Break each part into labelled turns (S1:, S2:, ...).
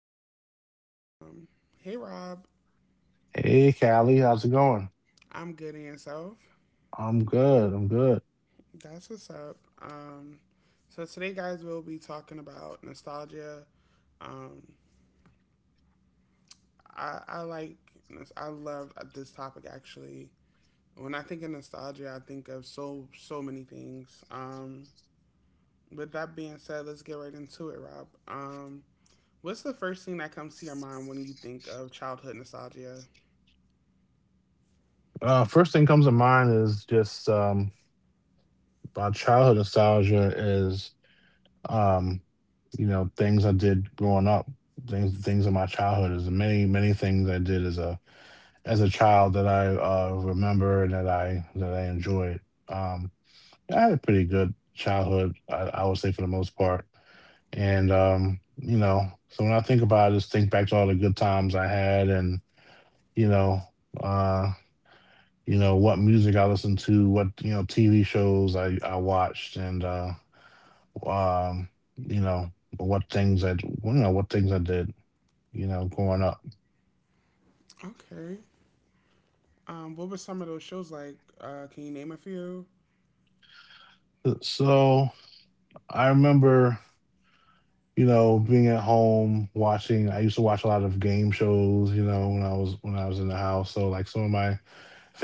S1: with Rob. Um, hey Rob,
S2: Hey, Callie, how's it going?
S1: I'm good and yourself.
S2: I'm good. I'm good.
S1: That's what's up. So today, guys, we'll be talking about nostalgia. Um, I, I like, I love this topic actually. When I think of nostalgia, I think of so many things. With that being said, let's get right into it, Rob. What's the first thing that comes to your mind when you think of childhood nostalgia?
S2: First thing comes to mind is just my childhood nostalgia is um, you know things I did growing up, things in my childhood. Is many things I did as a child that I remember and that I enjoyed. Um, I had a pretty good childhood, I would say for the most part. And you know, so when I think about it, I just think back to all the good times I had and you know. Uh, you know, what music I listened to, what, you know, TV shows I watched and, um, you know, what things I did, you know, growing up.
S1: Okay. What were some of those shows like? Can you name a few?
S2: Uh, so, I remember, you know, being at home watching I used to watch a lot of game shows, you know, when I was in the house, so, like, some of my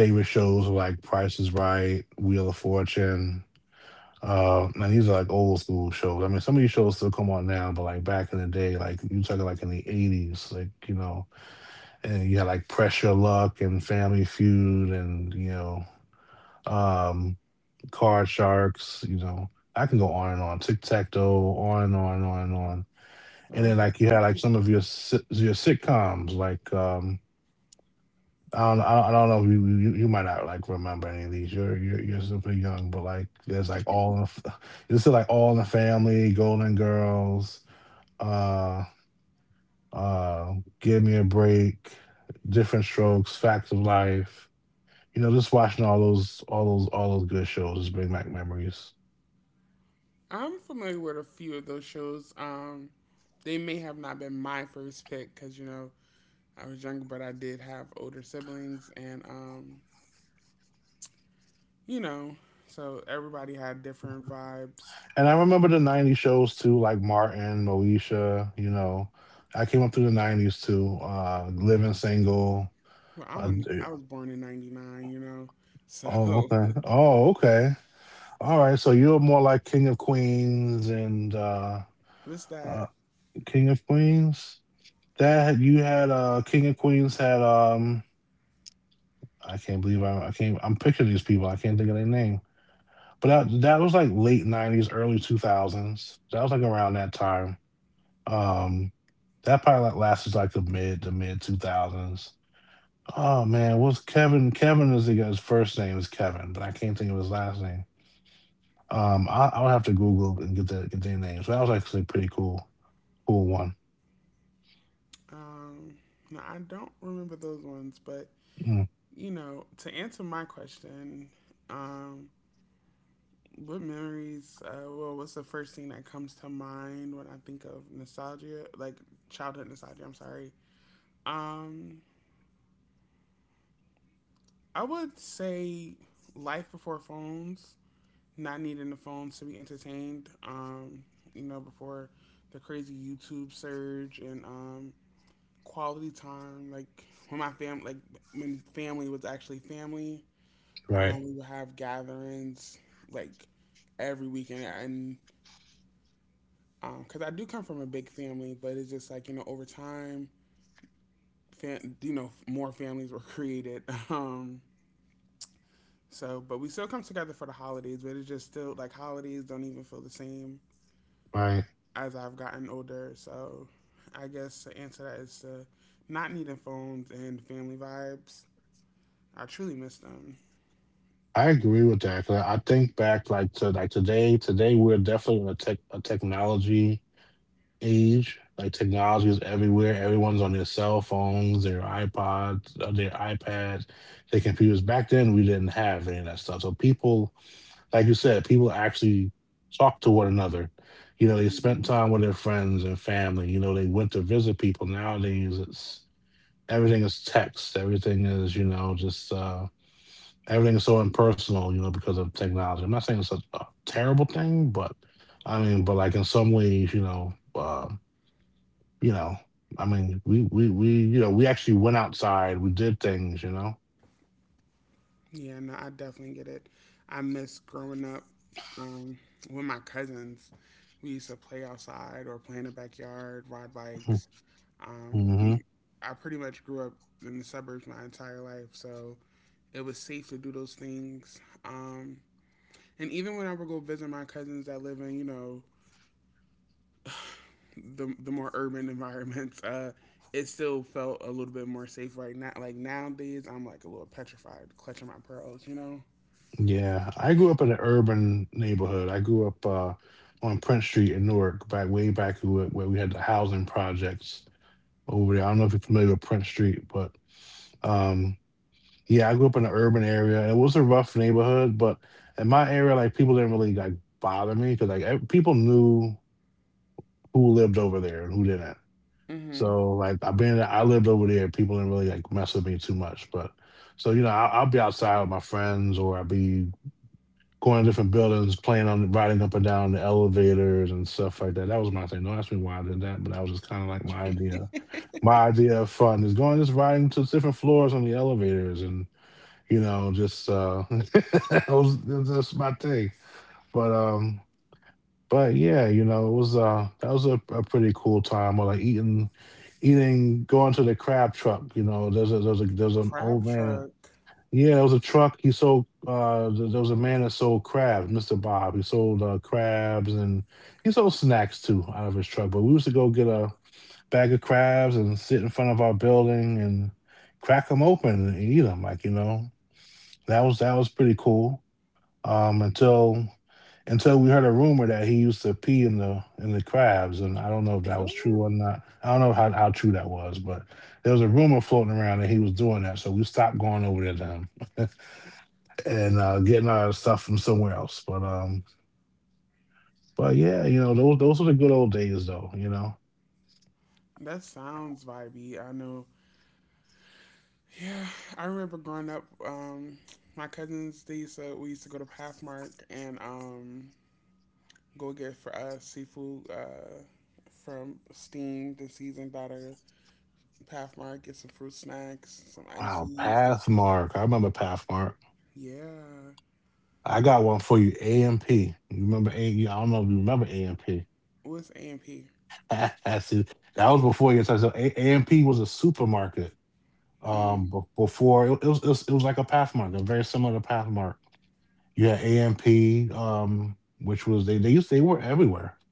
S2: favorite shows were, like, Price is Right, Wheel of Fortune, and these are like old school shows. I mean, some of these shows still come on now, but like back in the day, like you talking like in the '80s, like you know, and you had like Pressure Luck and Family Feud and you know, um, Card Sharks. You know, I can go on and on, Tic Tac Toe, on and on and on and on. And then
S1: Okay,
S2: like you had
S1: I'm
S2: like some of your your sitcoms, like I don't know. You might not like remember any of these. You're still pretty young, but like there's like all in the, there's still like all in the family, Golden Girls, uh, uh, Give Me a Break, Different Strokes, Facts of Life. You know, just watching all those good shows just bring back memories.
S1: I'm familiar with a few of those shows. They may have not been my first pick, because you know I was younger, but I did have older siblings, and you know, so everybody had different vibes.
S2: And I remember the '90s shows too, like Martin, Moesha. You know, I came up through the '90s too. Living Single.
S1: Well,
S2: Uh,
S1: I
S2: d-
S1: was born in '99, you know, so
S2: oh, okay. Oh, okay. All right, so you're more like King of Queens and
S1: what's that?
S2: uh King of Queens. That you had King of Queens had I can't believe I can't I'm picturing these people I can't think of their name. But that was like late '90s, early 2000s. That was like around that time. Um, that probably like lasted like the mid 2000s. Oh man, what's Kevin? Kevin is the guy's first name is Kevin, but I can't think of his last name. I'll have to Google and get their names. But that was actually pretty cool. Cool one.
S1: Um, no, I don't remember those ones, but
S2: Mm,
S1: you know, to answer my question, um, what memories? Well, what's the first thing that comes to mind when I think of nostalgia? Like childhood nostalgia. I'm sorry. Um, I would say life before phones. Not needing the phones to be entertained. You know, before the crazy YouTube surge and quality time. Like when family was actually family.
S2: right,
S1: We would have gatherings like every weekend, and because I do come from a big family, but it's just like you know over time, you know more families were created. Um, so, but we still come together for the holidays, but it's just still like holidays don't even feel the same
S2: right.
S1: as I've gotten older. So, I guess the answer to that is to not needing phones and family vibes. I truly miss them.
S2: I agree with that 'cause I think back like to like today. Today we're definitely in a technology age. Like technology is everywhere. Everyone's on their cell phones, their iPods, their iPads, their computers. Back then we didn't have any of that stuff. So people, like you said, people actually talk to one another. You know, they
S1: Mm-hmm.
S2: spent time with their friends and family. You know, they went to visit people. Nowadays, it's everything is text. Everything is you know just. Everything's so impersonal, you know, because of technology. I'm not saying it's a terrible thing, but I mean, but like in some ways, you know, you know, I mean, we actually went outside, we did things, you know.
S1: Yeah, no, I definitely get it. I miss growing up um, with my cousins. We used to play outside or play in the backyard, ride bikes. Um,
S2: Mm-hmm.
S1: I pretty much grew up in the suburbs my entire life, so it was safe to do those things. And even when I would go visit my cousins that live in, you know, the more urban environments, it still felt a little bit more safe right now. Like nowadays, I'm like a little petrified, clutching my pearls, you know.
S2: Yeah, I grew up in an urban neighborhood. I grew up on Prince Street in Newark, back way back where we had the housing projects over there. I don't know if you're familiar with Prince Street, but um, yeah, I grew up in an urban area, and it was a rough neighborhood, but in my area, like, people didn't really, like, bother me because like, ev people knew who lived over there and who didn't.
S1: Mm-hmm.
S2: So, like, I being that I lived over there, people didn't really, like, mess with me too much, but so, you know, I'll be outside with my friends or I'll be going to different buildings, playing on riding up and down the elevators and stuff like that. That was my thing. Don't ask me why I did that, but that was just kinda, like, my idea of fun is going just riding to different floors on the elevators and you know, just that's my thing. But um but yeah, you know, it was that was a pretty cool time or like eating going to the crab truck, you know, there's an
S1: Crab
S2: old man
S1: truck.
S2: yeah, there was a truck. He sold there there was a man that sold crabs, Mr. Bob. He sold crabs and he sold snacks too out of his truck. But we used to go get a bag of crabs and sit in front of our building and crack them open and eat them like, you know that was pretty cool um, until until we heard a rumor that he used to pee in the crabs, and I don't know if that was
S1: That,
S2: true or not. I don't know how true that was, but there was a rumor floating around that he was doing that, so we stopped going over there to him and getting our stuff from somewhere else. But yeah, you know those were the good old days, though. You know,
S1: that sounds vibey. I know. Yeah, I remember growing up. My cousins they used to we used to go to Pathmark and go get for us seafood from steamed and seasoned out of Pathmark. Get some fruit snacks, some
S2: wow,
S1: ices. The,
S2: Pathmark. I remember Pathmark.
S1: yeah,
S2: I got one for you, AMP. You remember A? I don't know if you remember AMP.
S1: what's A and P?
S2: That's it. That was before your time. So AMP was a supermarket
S1: Mm,
S2: before it was it was like a pathmark a very similar to pathmark you had amp which was they were everywhere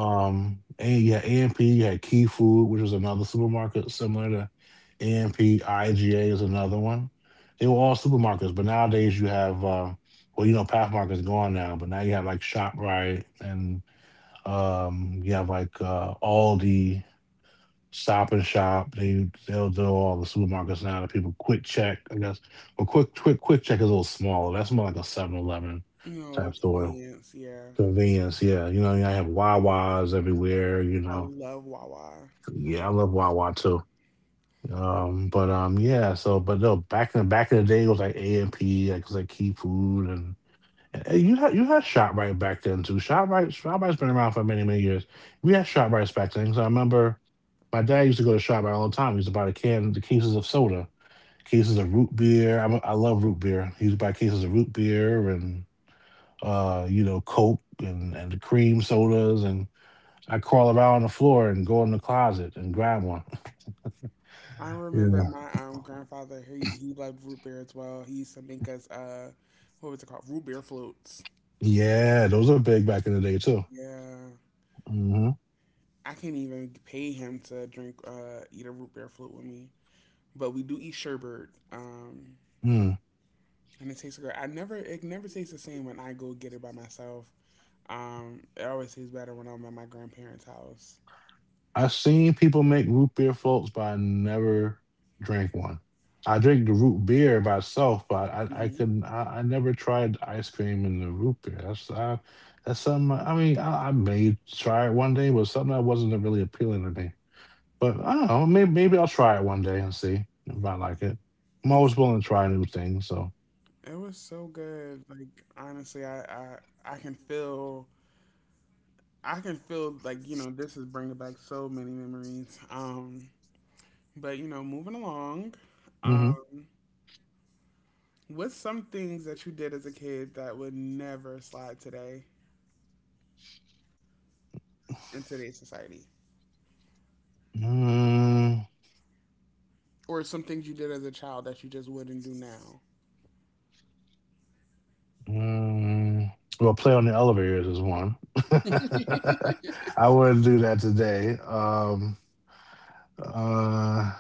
S2: and you had amp you had key food which was another supermarket similar to amp iga is another one they were all supermarkets but nowadays you have you know pathmark is gone now but now you have like shoprite and you have like aldi Stop and Shop. They'll do all the supermarkets now. The people Quick Check, I guess. Well, Quick Check is a little smaller. That's more like a 7-Eleven
S1: you know, a little
S2: type store.
S1: convenience. Yeah,
S2: Convenience, yeah. You know, I have Wawas everywhere. You
S1: I
S2: know,
S1: love Wawa.
S2: yeah, I love Wawa too. But yeah. So, but no, back in the day, it was like A and P, like it was like Key Food, and, and you had Shoprite back then too. Shoprite's been around for many years. We had Shoprite back then because I remember. My dad used to go to Shop Bar all the time. He used to buy the cases of soda, cases of root beer. I love root beer. He used to buy cases of root beer and you know, Coke and the cream sodas. And I crawl around on the floor and go in the closet and grab one.
S1: I remember
S2: yeah,
S1: my grandfather. He loved root beer as well. He used to make us what was it called? Root beer floats.
S2: yeah, those are big back in the day too.
S1: Yeah,
S2: Mm-hmm.
S1: I can't even pay him to drink eat a root beer float with me. But we do eat sherbet.
S2: hmm
S1: And it tastes good. I never It never tastes the same when I go get it by myself. It always tastes better when I'm at my grandparents' house.
S2: I've seen people make root beer floats, but I never drank one. I drink the root beer by itself, but I
S1: Hmm.
S2: couldn't. I never tried ice cream in the root beer. That's something. I mean, I may try it one day, but something that wasn't really appealing to me. But I don't know. Maybe I'll try it one day and see if I like it. I'm
S1: It
S2: always willing to try new things. So,
S1: was so good. Like honestly, I can feel like you know this is bringing back so many memories. But you know, moving along,
S2: hmm
S1: um, what's some things that you did as a kid that would never slide today in today's society,
S2: mm
S1: or some things you did as a child that you just wouldn't do now?
S2: Mm, well, play on the elevators is one. I wouldn't do that today. Uh,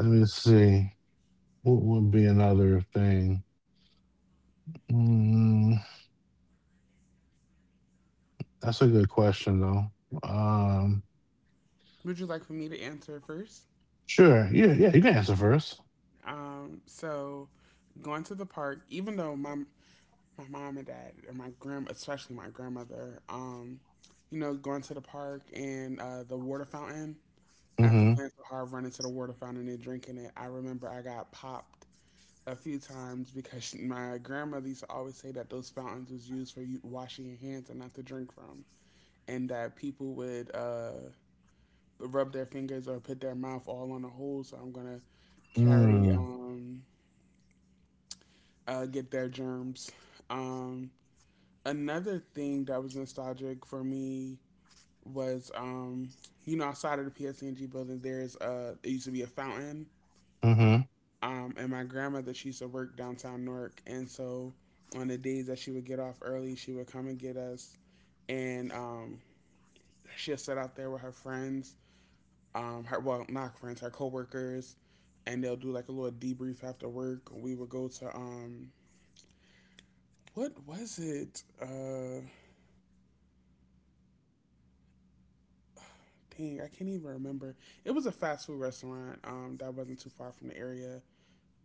S2: let me see. What would be another thing? Mm, that's a good question, though. Um,
S1: Would you like for me to answer first?
S2: sure. Yeah, yeah. You can answer first.
S1: So going to the park, even though my mom and dad and my grand, especially my grandmother, you know, going to the park and the water fountain after
S2: Mm-hmm.
S1: playing so hard, running to the water fountain and drinking it. I remember I got popped a few times because my grandmother used to always say that those fountains was used for you washing your hands and not to drink from, and that people would rub their fingers or put their mouth all on the hole. So I'm gonna carry
S2: Mm,
S1: get their germs. Um, another thing that was nostalgic for me was you know outside of the PSNG building, there's it used to be a fountain.
S2: mm-hmm.
S1: And my grandmother, she used to work downtown Newark. And so on the days that she would get off early, she would come and get us. And she'll sit out there with her friends, her, well, not friends, her coworkers. And they'll do like a little debrief after work. We would go to, what was it? Dang, I can't even remember. It was a fast food restaurant that wasn't too far from the area.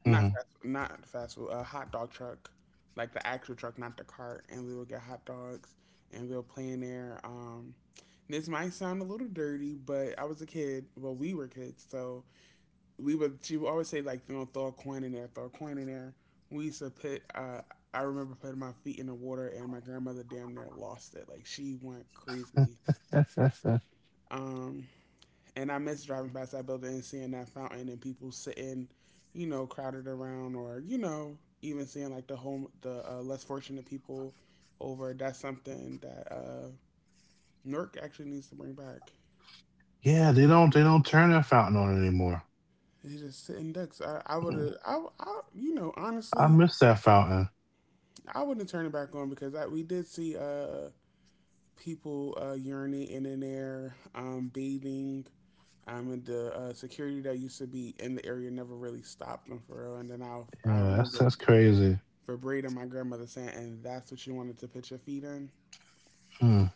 S2: Mm-hmm.
S1: Not fast food. A hot dog truck, like the actual truck, not the cart. And we would get hot dogs, and we'll play in there. This might sound a little dirty, but I was a kid. Well, we were kids, so we would. She would always say like, you know, throw a coin in there, throw a coin in there. We used to put. I remember putting my feet in the water, and my grandmother damn near lost it. Like she went crazy.
S2: That's.
S1: Um, and I miss driving past that building and seeing that fountain and people sitting, you know, crowded around, or you know, even seeing like the less fortunate people over. That's something that Newark actually needs to bring back.
S2: Yeah, they don't. They don't turn that fountain on anymore.
S1: It's just sitting ducks. I would
S2: Mm,
S1: have, I, you know,
S2: I
S1: honestly,
S2: miss that fountain.
S1: I wouldn't turn it back on because I, we did see people urinating in there, bathing. And the security that used to be in the area never really stopped them for real. And then I
S2: Yeah,
S1: remember
S2: that's crazy.
S1: for breeding my grandmother sent, and that's what you wanted to put your feet in.
S2: Hmm.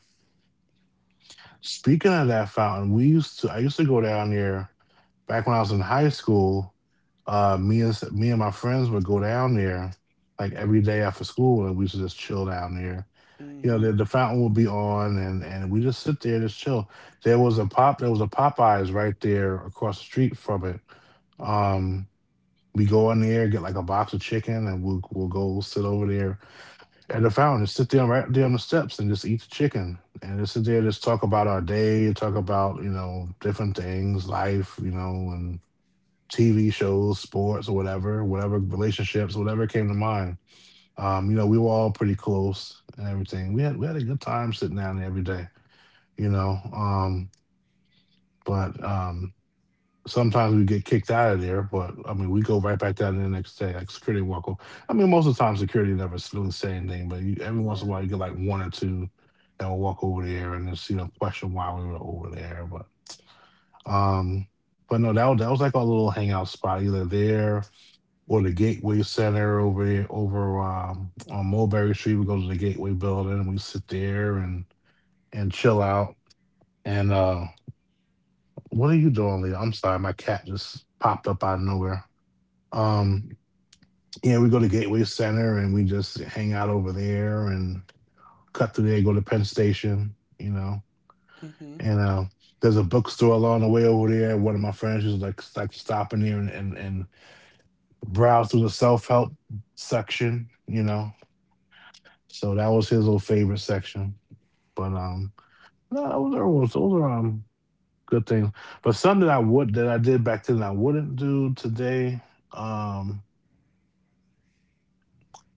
S2: Speaking of that fountain, we used to I used to go down there back when I was in high school. Me and my friends would go down there like every day after school, and we used to just chill down there. You know,
S1: Mm-hmm.
S2: the fountain would be on, and we just sit there and just chill. There was a Popeyes right there across the street from it. Um, we go in there, get like a box of chicken, and we'll go sit over there at the fountain, sit there right there on the steps and just eat the chicken and just sit there, just talk about our day, talk about, you know, different things, life, you know, and TV shows, sports, whatever, whatever relationships, whatever came to mind. We were all pretty close and everything. We had a good time sitting down there every day, you know. But sometimes we get kicked out of there, but I mean, we go right back down there the next day. Like security walk over. I mean, most of the time security never really say anything, but you, every once in a
S1: Yeah.
S2: while you get like one or two that will walk over there and just, you know, question why we were over there. Um, but no, that was like our little hangout spot, either there or the Gateway Center over there over on Mulberry Street. We go to the Gateway Building, we sit there and chill out. And What are you doing, Leah? I'm sorry, my cat just popped up out of nowhere. Um, yeah, we go to Gateway Center and we just hang out over there and cut through there, go to Penn Station, you know.
S1: Mm-hmm.
S2: And There's a bookstore along the way over there. One of my friends was like stopping there and, and browse through the self help section, you know. So that was his little favorite section. But No, those are good things. But some that I would, that I did back then, that I wouldn't do today. Um,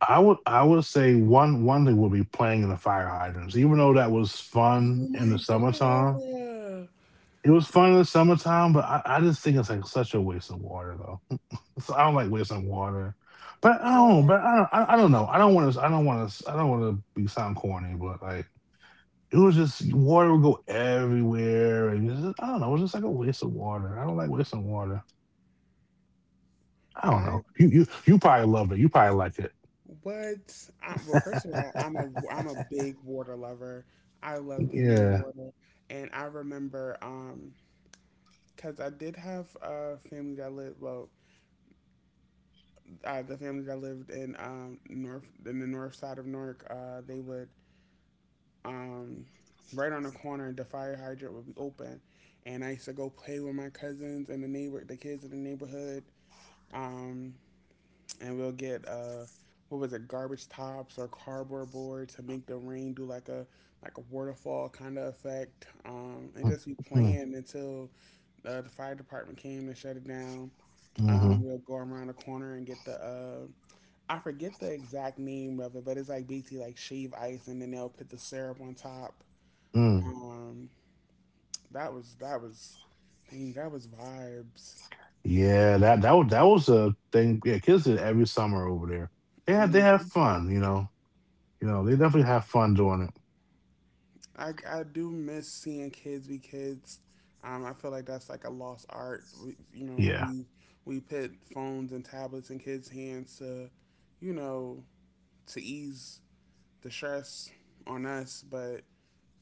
S2: I would say one thing would be playing in the fire hydrants. Even though that was
S1: Oh
S2: fun in the
S1: my
S2: summertime,
S1: god.
S2: it was fun in the summertime. But I just think it's like such a waste of water, though. So I don't like wasting water. But I don't. But
S1: What?
S2: I don't. I don't know. I don't want to be sound corny. But like it was just water would go everywhere, and it's just, I don't know. It was just like a waste of water. I don't like wasting water. I don't
S1: I
S2: know. You probably love it. You probably like it.
S1: well, first of all, I'm a big water lover. I love being in the
S2: Yeah.
S1: water, and I remember because I did have a family that lived well, the family that lived in north in the north side of Newark. They would um, right on the corner, the fire hydrant would be open, and I used to go play with my cousins and the neighbor, the kids in the neighborhood, um, and we'll get what was it, garbage tops or cardboard board to make the rain do like a waterfall kind of effect, and
S2: Mm,
S1: just be
S2: mm,
S1: playing until the fire department came to shut it down.
S2: mm-hmm,
S1: We'll go around the corner and get the I forget the exact name of it, but it's like basically like shave ice, and then they'll put the syrup on top.
S2: mm.
S1: Um, That was that was that was vibes.
S2: Yeah, that was that was a thing. Yeah, kids did every summer over there. They have
S1: Hmm.
S2: fun, you know. You know, they definitely have fun doing it.
S1: I do miss seeing kids be kids. I feel like that's like a lost art. We, you know,
S2: Yeah,
S1: we put phones and tablets in kids' hands to, you know, to ease the stress on us, but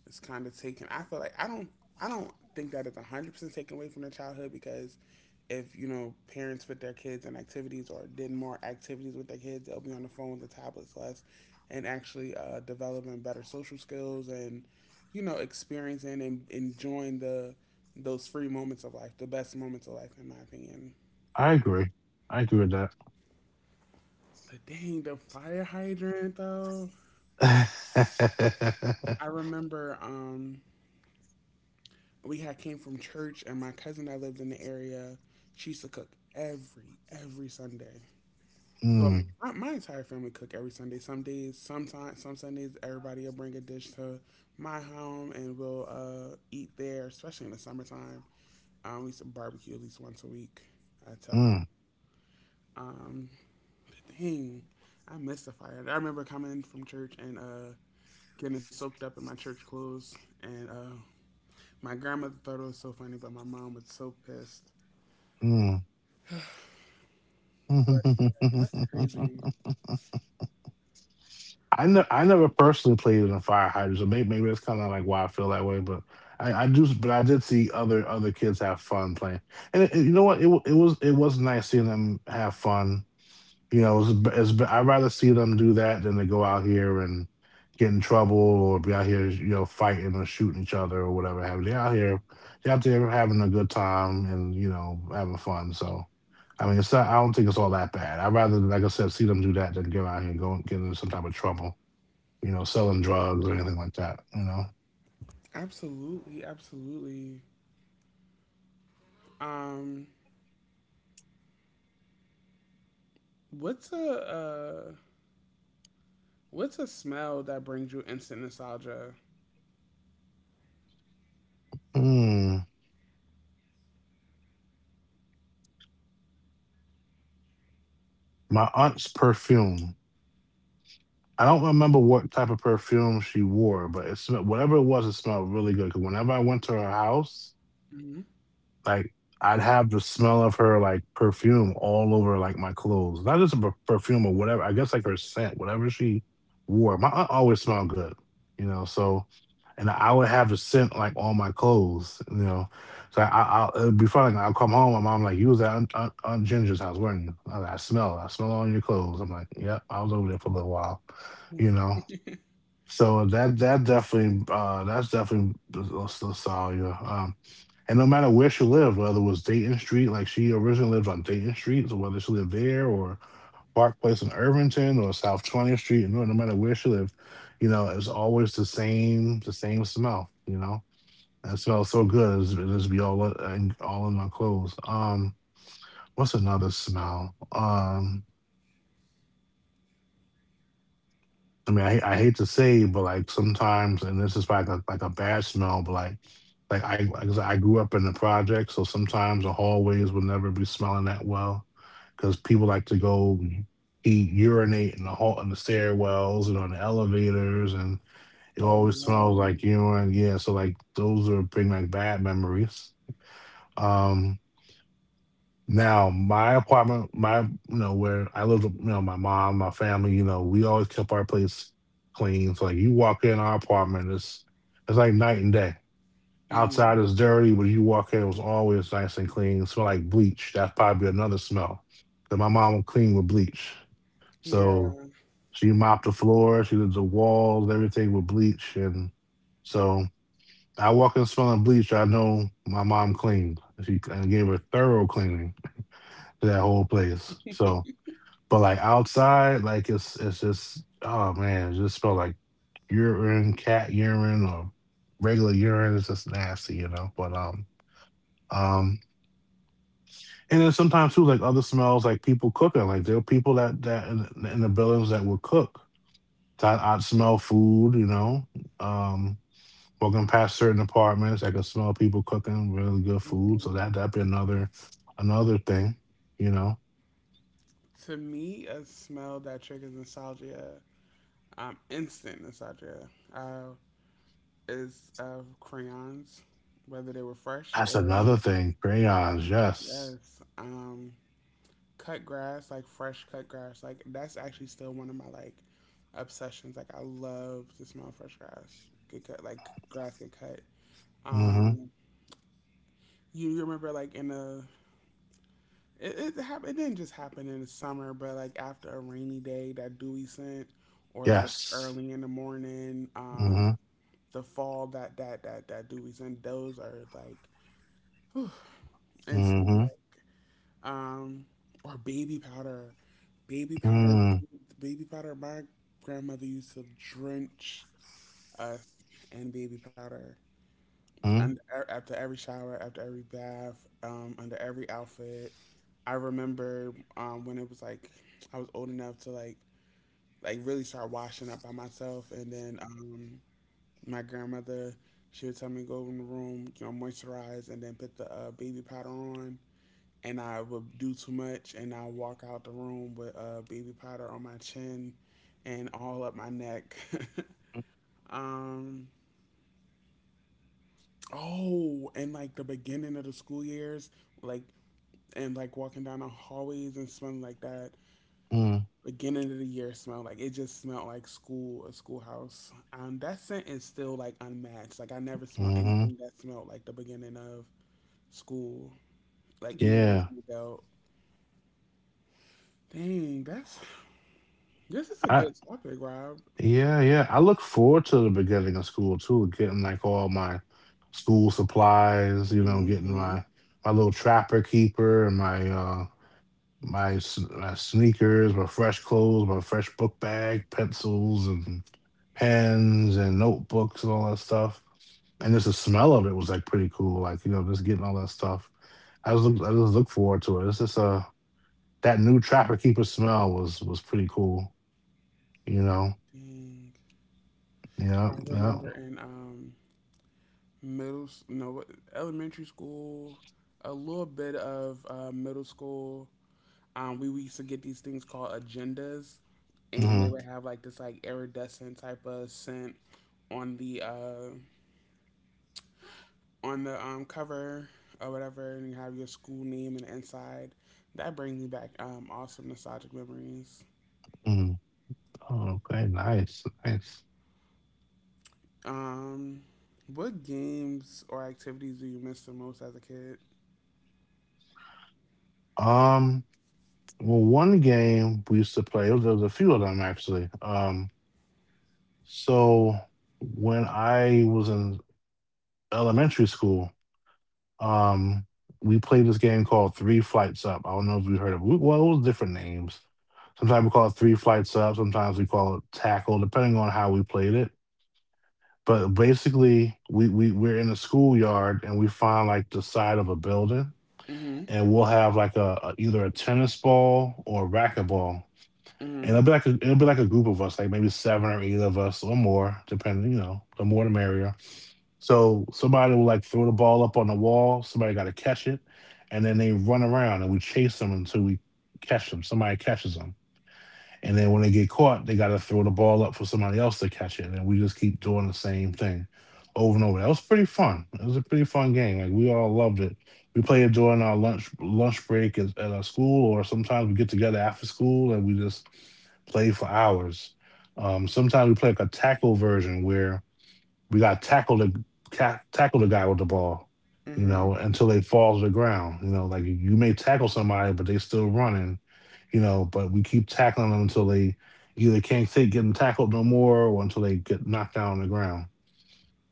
S1: it's kind of taken. I feel like I don't think that it's 100% taken away from their childhood, because if you know parents put their kids in activities or did more activities with their kids, they'll be on the phone, the tablets less, and actually developing better social skills and you know experiencing and enjoying the those free moments of life, the best moments of life in my opinion.
S2: I agree. I agree with that.
S1: But dang, the fire hydrant though. I remember we had came from church, and my cousin that lived in the area, she used to cook every Sunday. But
S2: Mm,
S1: my entire family cook every Sunday. Some Sundays, everybody will bring a dish to my home, and we'll eat there. Especially in the summertime, we used to barbecue at least once a week. I tell you.
S2: mm,
S1: Um, dang, I miss the fire. I remember coming from church and getting soaked up in my church clothes, and my grandmother thought it was so funny, but my mom was so pissed.
S2: mm.
S1: But yeah, that's crazy.
S2: I never personally played in a fire hydrant, so maybe that's kind of like why I feel that way. But I do, but I did see other kids have fun playing, and you know what? It was, it was nice seeing them have fun. You know, I'd rather see them do that than to go out here and get in trouble or be out here, you know, fighting or shooting each other or whatever have you. They're out there having a good time and, you know, having fun. So, I mean, it's not, I don't think it's all that bad. I'd rather, like I said, see them do that than go out here and go and get into some type of trouble, you know, selling drugs or anything like that, you know.
S1: Absolutely, absolutely. Um, what's a uh, what's a smell that brings you instant nostalgia?
S2: Hmm. My aunt's perfume. I don't remember what type of perfume she wore, but it smelled, whatever it was, it smelled really good. Because whenever I went to her house,
S1: Hmm.
S2: like I'd have the smell of her like perfume all over like my clothes. Not just a perfume or whatever. I guess like her scent, whatever she wore. My aunt always smelled good, you know. So, and I would have the scent like on my clothes, you know. So it'd be funny. Like, I'll come home. My mom like, you was at Aunt Ginger's house, weren't you? Was like, I smell. I smell on your clothes. I'm like, yep. I was over there for a little while, you know. So that definitely that's definitely you. And no matter where she lived, whether it was Dayton Street, like she originally lived on Dayton Street, so whether she lived there or Park Place in Irvington or South 20th Street, you know, no matter where she lived, you know, it's always the same smell, you know. That smells so
S1: Mm.
S2: good. It just be all all in our clothes. What's another smell? I mean, I hate to say, but like sometimes, and this is like a bad smell, but like I said, I grew up in the project, so sometimes the hallways would never be smelling that well because people like to go eat urinate in the stairwells and on the elevators, and it
S1: Oh
S2: always smells
S1: no.
S2: like urine. Yeah, so like those are bring like bad memories. Um, my apartment, my, you know, where I live, with, you know, my mom, my family, you know, we always kept our place clean. So like you walk in our apartment, it's like night and day.
S1: Hmm.
S2: Outside is dirty, but you walk in, it was always nice and clean. It smell like bleach. That's probably another smell that my mom would clean with bleach. So
S1: Yeah.
S2: she mopped the floor, she did the walls, everything with bleach, and so I walk in smelling bleach. I know my mom cleaned. She and gave her thorough cleaning to that whole place. So, but like outside, like it's just oh man, it just smell like urine, cat urine, or regular urine. It's just nasty, you know. But um, and then sometimes too, like other smells, like people cooking. Like there are people that in the buildings that would cook. So I'd smell food, you know. Um, Walking past certain apartments, I could smell people cooking really good food. So that
S1: Hmm.
S2: that'd be another thing, you know.
S1: To me, a smell that triggers nostalgia, instant nostalgia, is of crayons, whether they were fresh
S2: That's
S1: or
S2: another
S1: you just
S2: thing. Crayons, yes.
S1: yes. Cut grass, like fresh cut grass. Like that's actually still one of my like obsessions. Like I love to smell fresh grass. Get cut like grass get cut.
S2: Mm-hmm.
S1: Um you remember like in a it didn't just happen in the summer, but like after a rainy day that dewy scent or like
S2: Yes.
S1: early in the morning,
S2: Mm-hmm.
S1: the fall that dewy scent, those are like instant
S2: Mm-hmm.
S1: like um or baby powder. Baby powder.
S2: Mm-hmm.
S1: The baby powder my grandmother used to drench us in baby powder. And after every shower, after every bath, under every outfit, I remember when it was like I was old enough to like really start washing up by myself, and then my grandmother, she would tell me go in the room, you know, moisturize, and then put the baby powder on, and I would do too much, and I walk out the room with baby powder on my chin and all up my neck. um, oh, and like the beginning of the school years, like and like walking down the hallways and smelling like that
S2: Mm-hmm.
S1: beginning of the year smell, like it just smelled like school, a schoolhouse. That scent is still like unmatched. Like I never smelled
S2: Mm-hmm.
S1: anything that smelled like the beginning of school, like even as
S2: Yeah.
S1: an adult. Dang, that's this is a
S2: I
S1: good topic, Rob.
S2: Yeah, yeah. I look forward to the beginning of school too, getting like all my school supplies, you know, getting my
S1: Mm-hmm.
S2: my little trapper keeper and my my sneakers, my fresh clothes, my fresh book bag, pencils, and pens and notebooks and all that stuff. And just the smell of it was like pretty cool. Like, you know, just getting all that stuff. I just look forward to it. It's just That new trapper keeper smell was pretty cool, you know.
S1: Dang.
S2: Yeah,
S1: I
S2: yeah.
S1: remember in middle s- no what- elementary school, a little bit of middle school. Um, we used to get these things called agendas, and they
S2: Mhm,
S1: would have like this like iridescent type of scent on the uh on the cover or whatever, and you have your school name and the inside. That brings me back awesome nostalgic memories.
S2: mhm. Oh, okay, nice, nice.
S1: Um, what games or activities do you miss the most as a kid?
S2: Um, One game we used to play, there was a few of them actually. So when I was in elementary school, Um, we played this game called Three Flights Up. I don't know if you heard of it. Well, it was different names. Sometimes we call it Three Flights Up. Sometimes we call it Tackle, depending on how we played it. But basically, we're in a schoolyard and we find like the side of a building,
S1: Mhm,
S2: and we'll have like either a tennis ball or a racquetball. And it'll
S1: mhm,
S2: be like it'll be like a group of us, like maybe seven or eight of us or more, depending, you know, the more the merrier. So somebody will like throw the ball up on the wall. Somebody got to catch it, and then they run around and we chase them until we catch them. Somebody catches them, and then when they get caught, they got to throw the ball up for somebody else to catch it, and then we just keep doing the same thing over and over. That was pretty fun. It was a pretty fun game. Like we all loved it. We play it during our lunch break at our school, or sometimes we get together after school and we just play for hours. Sometimes we play like a tackle version where we got to tackle the guy with the ball, you know,
S1: mhm,
S2: until they fall to the ground. You know, like you may tackle somebody, but they still running, you know. But we keep tackling them until they either can't take getting tackled no more, or until they get knocked down on the ground.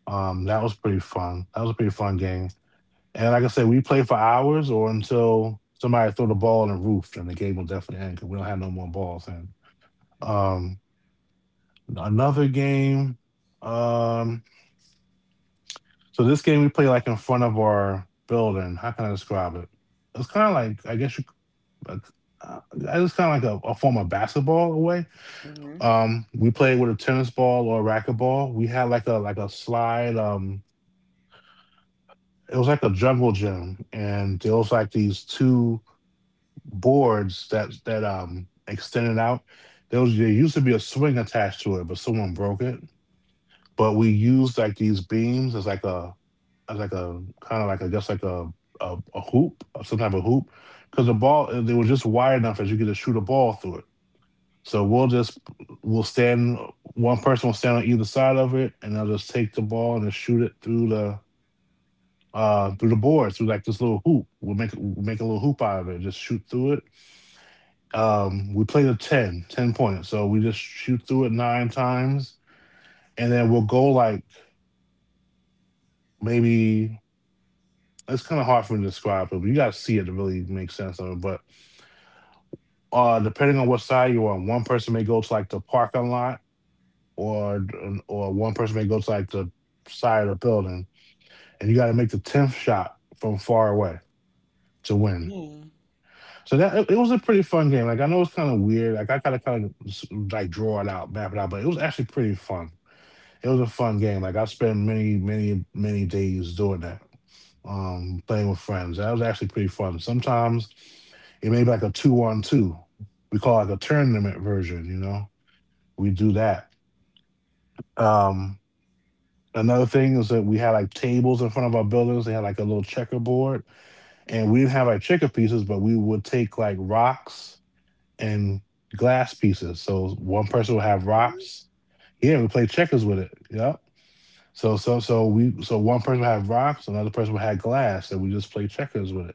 S2: That was pretty fun. That was a pretty fun game. And like I said, we played for hours or until somebody threw the ball on the roof, and the game will definitely end because we don't have no more balls in. Um, Another game. Um, this game we play like in front of our building. How can I describe it? It's kind of like I guess you. Like, it's kind of like a form of basketball away.
S1: mhm,
S2: We played with a tennis ball or a racquetball. We had like a slide. It was like a jungle gym, and there was like these two boards that extended out. There used to be a swing attached to it, but someone broke it. But we used like these beams as like a just like a hoop, or some type of hoop, because the ball they were just wide enough as you could just shoot a ball through it. So we'll just we'll stand one person will stand on either side of it, and they'll just take the ball and just shoot it through the board through like this little hoop. We'll make a little hoop out of it, just shoot through it. We play the ten points, so we just shoot through it nine times, and then we'll go, like, maybe. It's kind of hard for me to describe it, but you got to see it to really make sense of it. But depending on what side you're on, one person may go to like the parking lot, or one person may go to like the side of the building, and you got to make the 10th shot from far away to win,
S1: yeah.
S2: so that it was a pretty fun game. Like, I know it's kind of weird, like I gotta kind of like draw it out, map it out, but it was actually pretty fun. It was a fun game. Like, I spent many, many, many days doing that. Playing with friends, that was actually pretty fun. Sometimes it may be like a two on two. We call it like a tournament version. We do that. Um, Another thing is that we had like tables in front of our buildings. They had like a little checkerboard, and we didn't have like checker pieces, but we would take like rocks and glass pieces. So one person would have
S1: What?
S2: rocks. Yeah, we played checkers with it. Yep. So one person would have rocks, another person would have glass, and we just played checkers with it.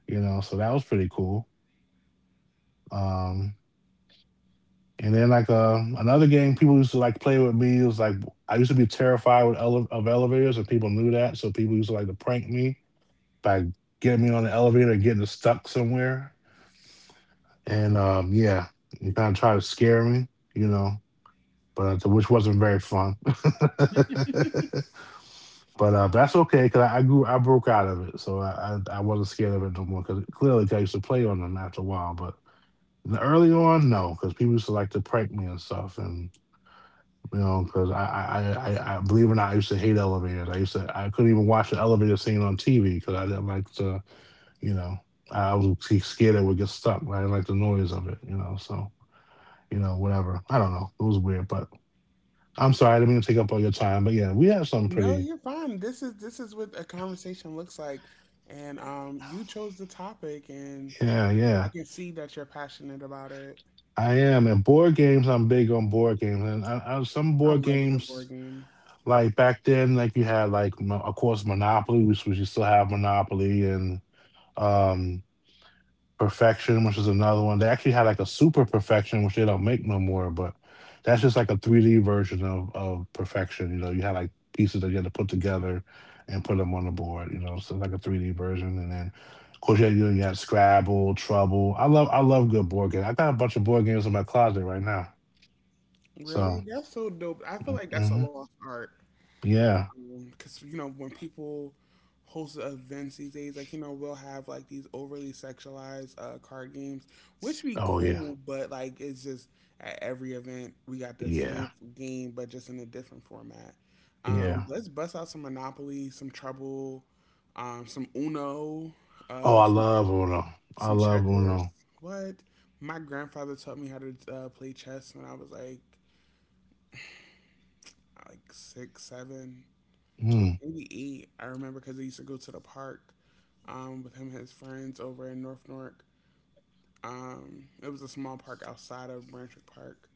S2: You know, so that was pretty cool. Um, And then, like, another game people used to like play with me was like, I used to be terrified of elevators, and people knew that, so people used to like to prank me by getting me on the elevator and getting us stuck somewhere. And yeah, and kind of try to scare me, you know, but which wasn't very fun. But that's
S1: Um,
S2: okay, because I grew, I broke out of it, so I wasn't scared of it no more. Because clearly, 'cause I used to play on them after a while. But early on, no, because people used to like to prank me and stuff, and you know, because I believe it or not, I used to hate elevators. I couldn't even watch the elevator scene on TV because I didn't like to, you know. I was too scared I would get stuck. I didn't like the noise of it, you know. So, you know, whatever. I don't know. It was weird, but I'm sorry. I didn't mean to take up all your time. But yeah, we have some
S1: no,
S2: pretty,
S1: you're fine. This is what a conversation looks like, and you chose the topic, and
S2: yeah,
S1: I
S2: yeah.
S1: can see that you're passionate about it.
S2: I am. And board games, I'm big on board games. And some
S1: I
S2: board
S1: love a good board
S2: games,
S1: game.
S2: like back then, like you had, like, of course, Monopoly, which, you still have Monopoly and, um, Perfection, which is another one. They actually had like a Super Perfection, which they don't make no more, but that's just like a 3D version of Perfection. You know, you had like pieces that you had to put together and put them on the board. You know, so it's like a 3D version. And then, of course, yeah, you had Scrabble, Trouble. I love good board games. I got a bunch of board games in my closet right now.
S1: Really,
S2: So,
S1: that's so dope. I feel like that's a
S2: mm-hmm.
S1: lost art.
S2: Yeah.
S1: Because you know when people host events these days, like you know we'll have like these overly sexualized card games, which be
S2: Oh yeah,
S1: cool, but like it's just at every event we got the same
S2: yeah,
S1: game but just in a different format.
S2: yeah.
S1: Let's bust out some Monopoly, some Trouble, some Uno,
S2: Oh,
S1: uh,
S2: I
S1: some
S2: love Uno.
S1: some
S2: I love
S1: checkers.
S2: Uno.
S1: What? My grandfather taught me how to play chess when I was like six, seven.
S2: Mm.
S1: 88, I remember because I used to go to the park with him and his friends over in North Newark. It was a small park outside of Branchwick Park,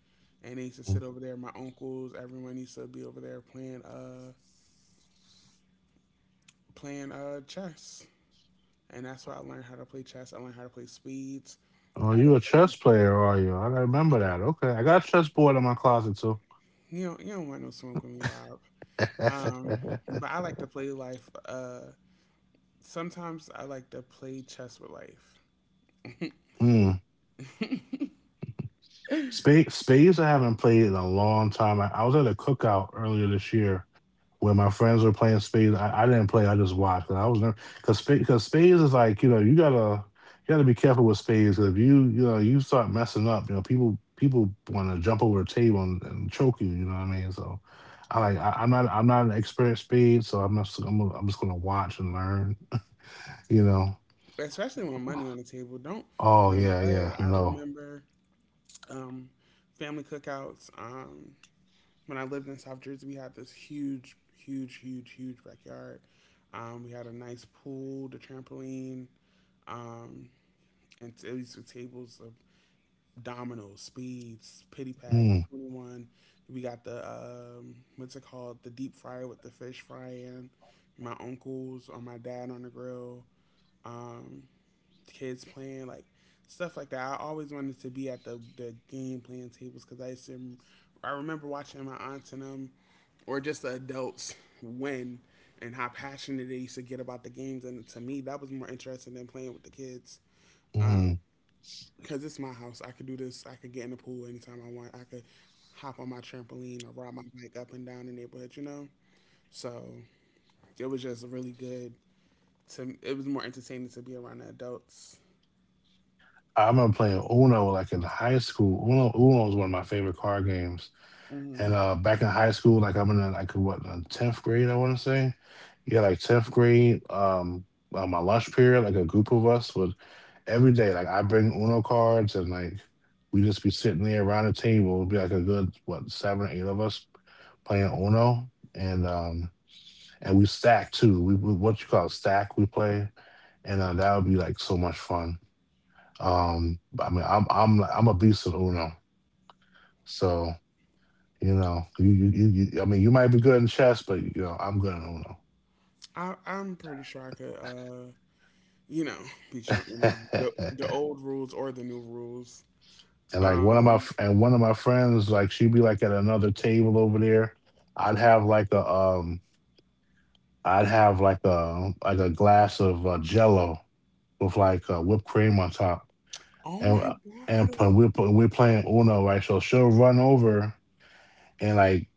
S1: and they used to sit over there. My uncles, everyone used to be over there playing chess, and that's why I learned how to play chess. I learned how to play speeds. I
S2: Oh,
S1: had a,
S2: you a chess player, are you? I remember that. Okay, I got a chess board in my closet too.
S1: you know, you don't want no smoke with me, Rob. Um, but I like to play life. Sometimes I like to play chess with life.
S2: Mm. Spades, spades, I haven't played in a long time. I was at a cookout earlier this year where my friends were playing spades. I didn't play. I just watched. 'Cause I was nervous because spades is like, you know, you gotta be careful with spades. 'Cause if you start messing up, you know, people want to jump over the table and choke you. You know what I mean? So. I like I, I'm not an expert at speed, so I'm not I'm, I'm just gonna watch and learn. You know?
S1: Especially when money on the table. Don't
S2: Oh
S1: don't
S2: yeah,
S1: play.
S2: yeah.
S1: I
S2: No.
S1: remember um, family cookouts. When I lived in South Jersey, we had this huge, huge, huge, huge backyard. We had a nice pool, the trampoline, um, and at least were tables of dominoes, speeds, pity pack,
S2: Mm,
S1: 21. We got the what's it called? The deep fryer with the fish fry in. My uncles or my dad on the grill. Um, kids playing, like stuff like that. I always wanted to be at the game playing tables because I used to. I remember watching my aunts and them, or just the adults win, and how passionate they used to get about the games. And to me, that was more interesting than playing with the kids.
S2: mm.
S1: Because it's my house, I could do this. I could get in the pool anytime I want. I could hop on my trampoline or ride my bike up and down the neighborhood. You know, so it was just really good. To it was more entertaining to be around the adults.
S2: I remember playing Uno like in high school. Uno was one of my favorite card games.
S1: Mm-hmm.
S2: And back in high school, like, I'm in the, like, what, tenth grade, I wanna say. Yeah, like tenth grade. On my lunch period, like a group of us would, every day, like, I bring Uno cards and, like, we just be sitting there around the table. It'd be like a good, what, seven or eight of us playing Uno, and we stack too. We what you call it, stack we play. And that would be like so much fun. But, I mean, I'm a beast at Uno, so you know, you might be good in chess, but you know, I'm good in Uno.
S1: I'm pretty sure I could, you know, you know the old rules or the new rules.
S2: And like,
S1: Um.
S2: one of my friends, like, she'd be like at another table over there. I'd have like a um, I'd have like a glass of Jello with like whipped cream on top,
S1: Oh my
S2: and uh,
S1: God.
S2: and put- we're put- we're playing Uno, right? So she'll run over and, like,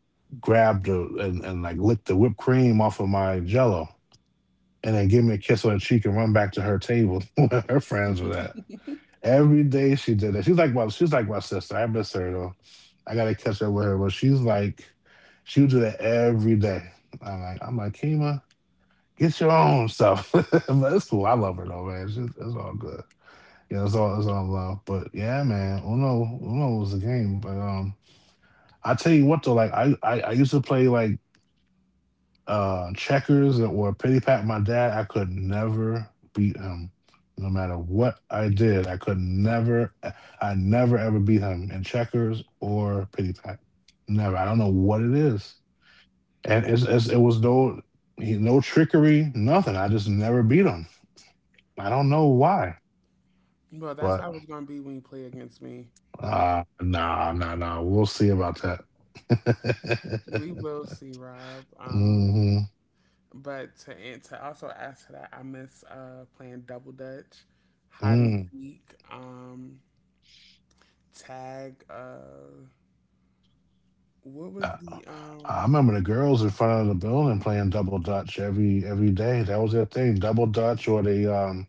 S2: lick the whipped cream off of my jello and then give me a kiss on the cheek and run back to her table where her friends were at. Every day she did that. She's like my sister. I miss her though. I gotta catch up with her. But she would do that every day. I'm like, Kima, get your own stuff. But it's cool. I love her though, man. It's, just, it's all good. Yeah, it's all love. But yeah, man, Uno was the game. But I tell you what though, like, I used to play, like, checkers or pity pat. My dad, I could never beat him. No matter what I did, I never ever beat him in checkers or pity pat. Never. I don't know what it is, and it was no trickery, nothing. I just never beat him. I don't know why,
S1: Well, that's
S2: but
S1: how it's gonna be when you play against me.
S2: nah, nah, nah. We'll see about that.
S1: We will see, Rob.
S2: Hmm.
S1: But to also add to that, I miss playing double dutch, hide and
S2: Mm.
S1: seek, tag. What was
S2: Uh,
S1: the
S2: I remember the girls in front of the building playing double dutch every day. That was their thing, double dutch. Or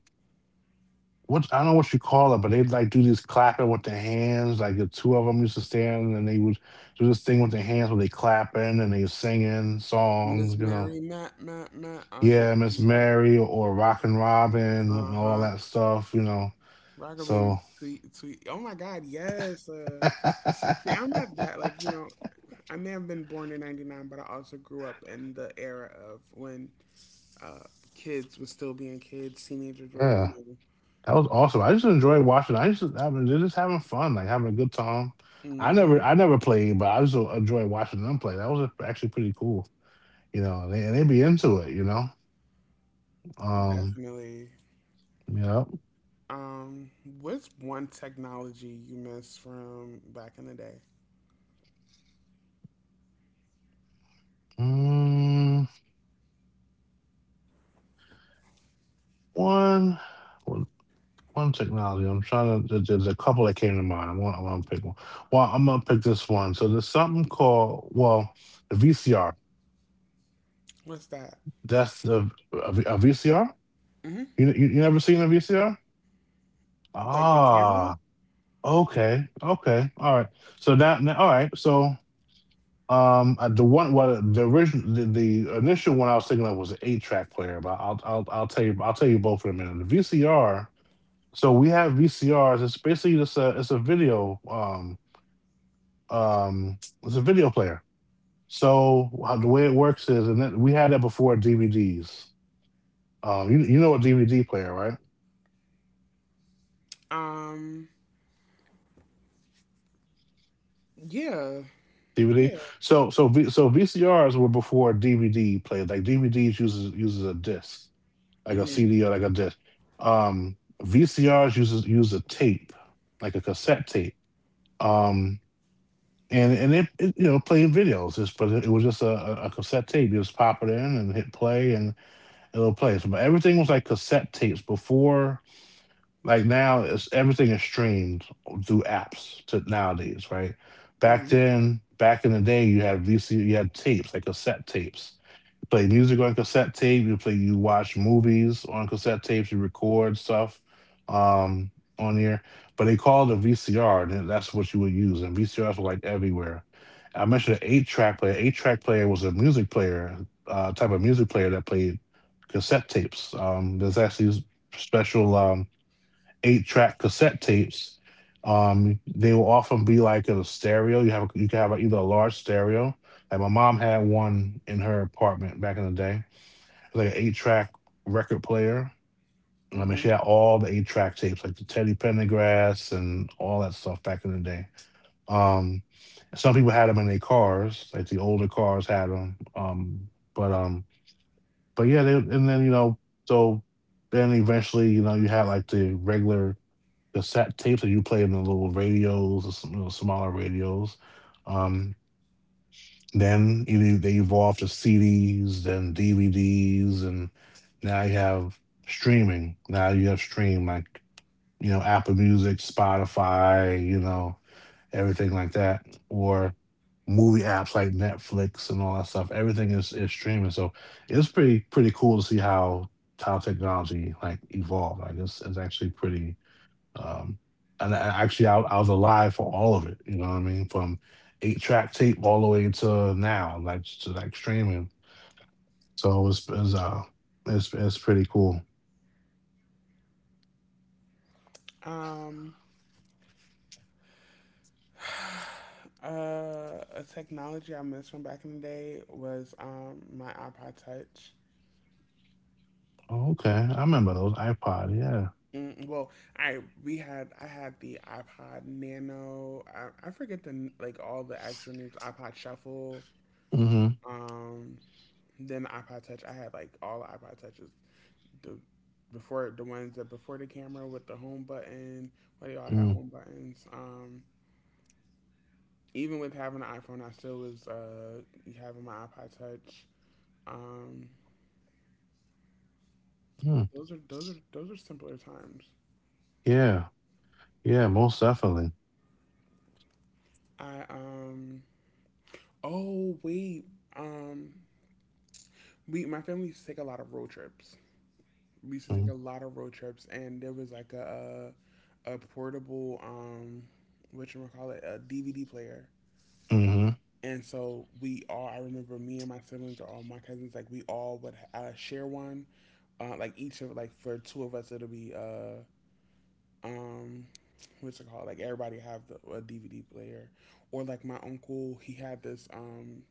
S2: what, I don't know what you call it, but they like do this clapping with their hands. Like the two of them used to stand and they would do this thing with their hands where they clapping and they were singing songs,
S1: Miss
S2: you know.
S1: Mary Matt Matt Matt? Just
S2: Yeah, Miss Mary or Rockin' Robin
S1: uh
S2: and all
S1: huh.
S2: that stuff, you know.
S1: Rocker
S2: So,
S1: Baby, sweet, sweet. Oh my God, yes. See, I'm not that like you know. I may have been born in '99, but I also grew up in the era of when uh, kids were still being kids, teenagers were,
S2: yeah.
S1: you
S2: That was awesome. I just enjoy watching. I was just having fun, like having a good time.
S1: know.
S2: I never
S1: Hmm.
S2: I never played, but I just enjoy watching them play. That was actually pretty cool, you know. And they be into it, you know. Um,
S1: Definitely.
S2: yep.
S1: Um, what's one technology you miss from back in the day?
S2: Mm, one, one one technology. I'm trying to. There- There's a couple that came to mind. I want to pick one. Well, I'm gonna pick this one. So there's something called, well, the VCR.
S1: What's that?
S2: That's a VCR.
S1: Hmm.
S2: You never seen a VCR?
S1: Like the camera?
S2: Ah. Okay, okay, all right. So now, now all right. So, the one, what the original, the initial one I was thinking of was an eight-track player, but I'll tell you both in a minute. The VCR. So we have VCRs. It's a video, um, it's a video player. So how, the way it works is, and that, we had that before DVDs. You know what DVD player, right?
S1: Um, yeah,
S2: DVD.
S1: yeah.
S2: So VCRs were before DVD player. Like DVDs uses a disc like a
S1: Hmm.
S2: CD or like a disc. Um, VCRs use a tape, like a cassette tape. Um, and it played videos, just but it was just a, a cassette tape. You just pop it in and hit play, and it'll play. So, but everything was like cassette tapes before. Like now, it's everything is streamed through apps to nowadays, right? Back
S1: Hmm.
S2: then, back in the day, you had you had tapes like cassette tapes play music on cassette tape. You play, you watch movies on cassette tapes. You record stuff um, on here, but they called it a VCR, and that's what you would use. And VCRs were like everywhere. I mentioned an eight-track player. Eight-track player was a music player, type of music player that played cassette tapes. Special. Eight track cassette tapes. They will often be like in a stereo. You can have either a large stereo, like my mom had one in her apartment back in the day. It was like an eight track record player. I mean, she
S1: Hmm.
S2: had all the eight track tapes, like the Teddy Pendergrass and all that stuff back in the day. Um, some people had them in their cars, like the older cars had them. But yeah, they, and then you know, so Then eventually, you know, you had like the regular cassette tapes, or you play them in little radios or some little smaller radios. Um, then either they evolved to CDs, then DVDs, and now you have streaming. Now you have stream like you know Apple Music, Spotify, you know everything like that, or movie apps like Netflix and all that stuff. Everything is streaming, so it's pretty cool to see how technology like evolved. Like it's actually pretty. um, and actually, I was alive for all of it. You know what I mean? From eight track tape all the way to now, like to like streaming. So it's pretty cool.
S1: Um, uh, a technology I missed from back in the day was my iPod Touch.
S2: Oh, okay, I remember those iPod. Yeah.
S1: Mm, well, I we had I had the iPod Nano. I forget the like all the actual names. iPod Shuffle.
S2: Mm-hmm.
S1: Um, then the iPod Touch. I had like all the iPod Touches. The before the ones that before the camera with the home button. Well, they all had home buttons. Even with having an iPhone, I still was having my iPod Touch. Um,
S2: Mm-hmm.
S1: Those are those are those are simpler times.
S2: Yeah. Yeah. Most definitely.
S1: I um oh wait um we my family used to take a lot of road trips. We used to take a lot of road trips, and there was like a a portable what you call it a DVD player.
S2: Mm-hmm.
S1: And so we all I remember me and my siblings or all my cousins like we all would share one like each of like for two of us it'll be um what's it called like everybody have a dvd player or like my uncle he had this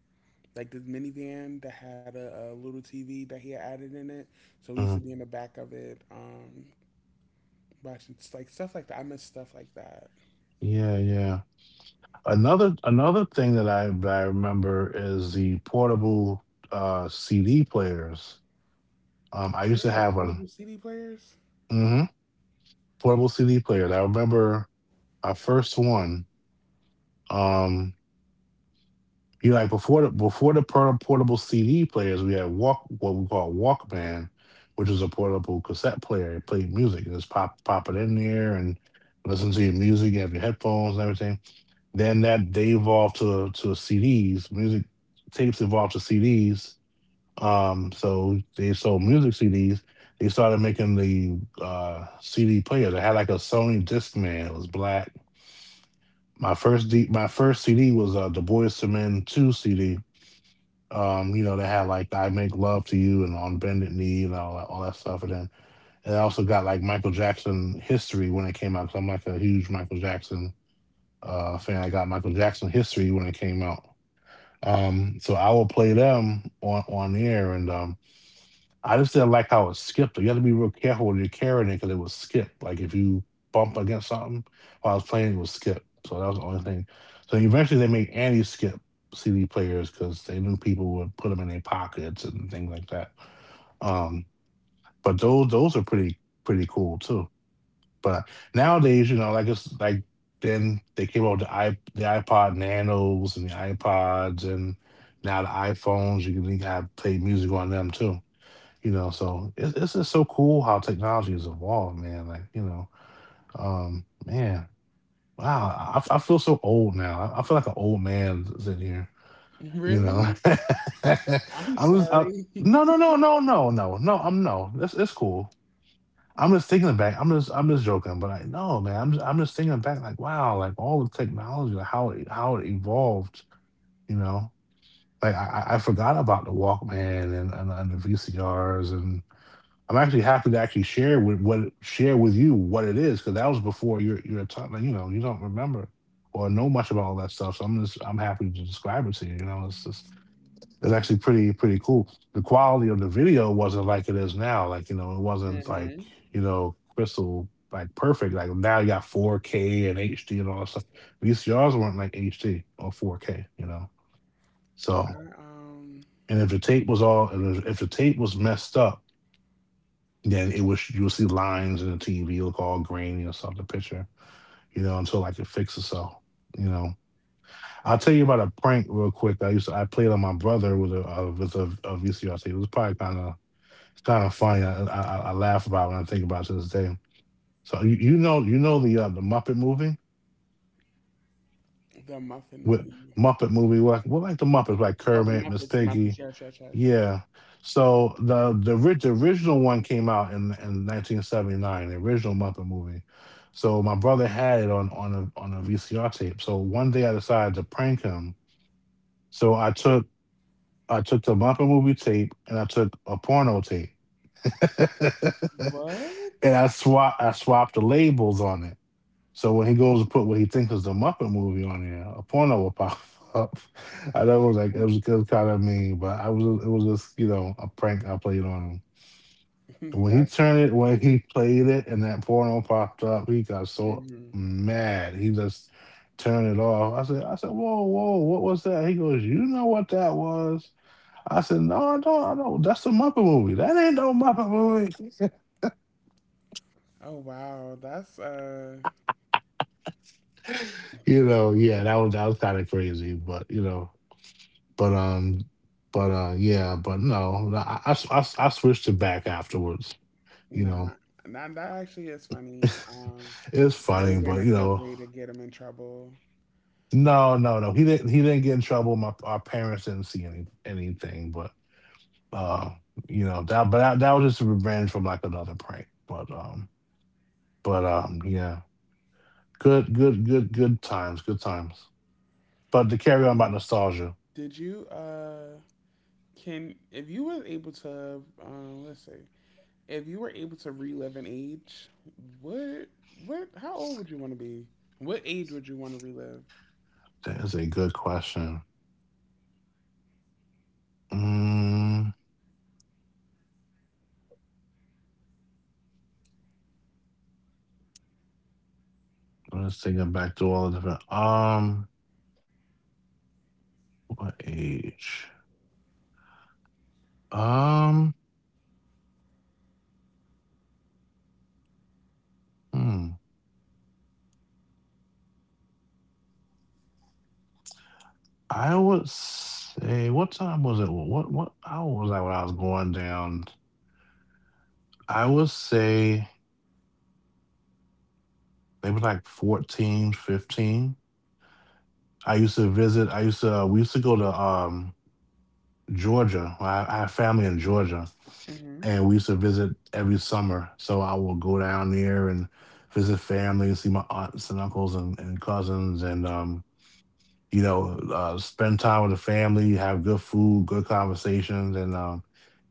S1: like this minivan that had a little tv that he had added in it so we used
S2: Hmm.
S1: to be in the back of it watching like stuff like that I miss stuff like that
S2: Yeah. Yeah. Another thing that I remember is the portable CD players. I used to
S1: yeah
S2: have one.
S1: portable cd players
S2: Mm-hmm. Portable CD player. And I remember my first one. Um, you like before the portable CD players, we had walk what we call Walkman, which was a portable cassette player. It played music and just pop it in there and listen to your music. You have your headphones and everything. Then that they evolved to CDs. Music tapes evolved to CDs. So they sold music CDs. They started making the CD players that had like a Sony Discman. It was black. My first CD was Du Bois to Men two CD. You know, they had like I Make Love to You and On Bended Knee and all that stuff. And then and I also got like Michael Jackson history when it came out. Cause I'm like a huge Michael Jackson fan. I got Michael Jackson history when it came out. So I will play them on the air, and I just didn't like how it skipped. It. You got to be real careful when you're carrying it because it would skip. Like if you bump against something while I was playing, it would skip. So that was the only thing. So eventually they made Annie skip CD players because they knew people would put them in their pockets and things like that. Um, but those are pretty cool too. But nowadays, you know, like it's like then they came out with the iPod Nanos and the iPods and now the iPhones. You can have play music on them too. You know, so it's just so cool how technology has evolved, man. Like, you know, man, wow, I feel so old now. I feel like an old man sitting here. You know,
S1: really I'm
S2: I'm just I,
S1: sorry
S2: no, no, no, no, no, no, no. I'm no. It's cool. I'm just thinking back. I'm just joking, but I no, man. I'm just thinking back. Like, wow, like all the technology, like how it evolved. You know, like I forgot about the Walkman and the VCRs and I'm actually happy to actually share with you what it is because that was before your time. Like, you know, you don't remember or know much about all that stuff. So I'm happy to describe it to you. You know, it's just it's actually pretty cool. The quality of the video wasn't like it is now. Like you know, it wasn't like
S1: hmm
S2: you know crystal like perfect. Like now you got 4K and HD and all that stuff. VCRs weren't like HD or 4K. You know, so
S1: I,
S2: and if the tape was messed up then it was you'll see lines in the TV look all grainy or something, the picture, you know, until like it fixes itself. You know, I'll tell you about a prank real quick. I played on my brother with a VCR tape. It's kind of funny. I laugh about it when I think about it to this day. So you know the Muppet movie.
S1: the muffin
S2: With
S1: movie
S2: Muppet movie. Like, well, like the Muppets, like
S1: oh
S2: Kermit, Miss
S1: the muppets
S2: Piggy.
S1: yes yes yes
S2: Yeah. So the original one came out in 1979, the original Muppet movie. So my brother had it on on a VCR tape. So one day I decided to prank him. So I took the Muppet movie tape and I took a porno tape.
S1: what
S2: And I swapped the labels on it. So when he goes to put what he thinks is the Muppet movie on there, a porno will pop up. I know it was like it was kind of mean, but I was it was just you know a prank I played on him. And
S1: that's
S2: when he played it, and that porno popped up, he got so
S1: hmm
S2: mad. He just turned it off. I said, whoa, whoa, what was that? He goes, you know what that was. I said, no, I don't. That's the Muppet movie. That ain't no Muppet movie.
S1: Oh wow, that's
S2: You know, yeah, that was kind of crazy, but you know, But um, but yeah, but no, I switched it back afterwards. You know,
S1: nah, that that actually is funny.
S2: it's
S1: And it would
S2: funny,
S1: have been
S2: but
S1: a
S2: you
S1: good
S2: know,
S1: way to get him in trouble.
S2: no, no, no, he didn't. He didn't get in trouble. My Our parents didn't see anything, but uh, you know that. But that was just a revenge from like another prank. But yeah, good times, good times. But to carry on about
S1: Um,
S2: nostalgia,
S1: did you can if you were able to let's see if you were able to relive an age, what what how old would you want to be? What age would you want to relive?
S2: that is a good question. Mm, let's take it back to all the different. What age? Um, hmm, I would say what time was it? What how old was I when I was going down? I would say maybe like 14, 15. I used to we used to go to, Georgia. I have family in Georgia,
S1: Mhm.
S2: and we used to visit every summer, so I will go down there and visit family, see my aunts and uncles and cousins, and, you know, spend time with the family, have good food, good conversations, and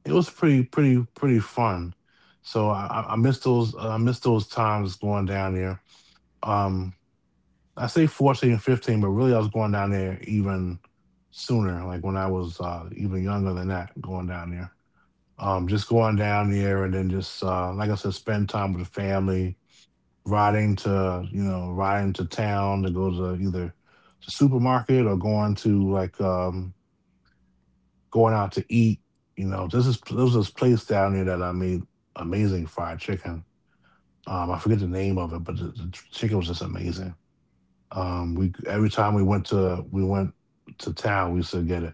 S2: it was pretty fun. So I miss those times going down there. Um, I say 14 and 15, but really I was going down there even sooner, like when I was even younger than that, going down there. Just going down there and then just, like I said, spend time with the family, riding to riding to town to go to either the supermarket or going to like going out to eat you know this is There was this place down there that I made amazing fried chicken. I forget the name of it, but the chicken was just amazing. We, every time we went to town we used to get it.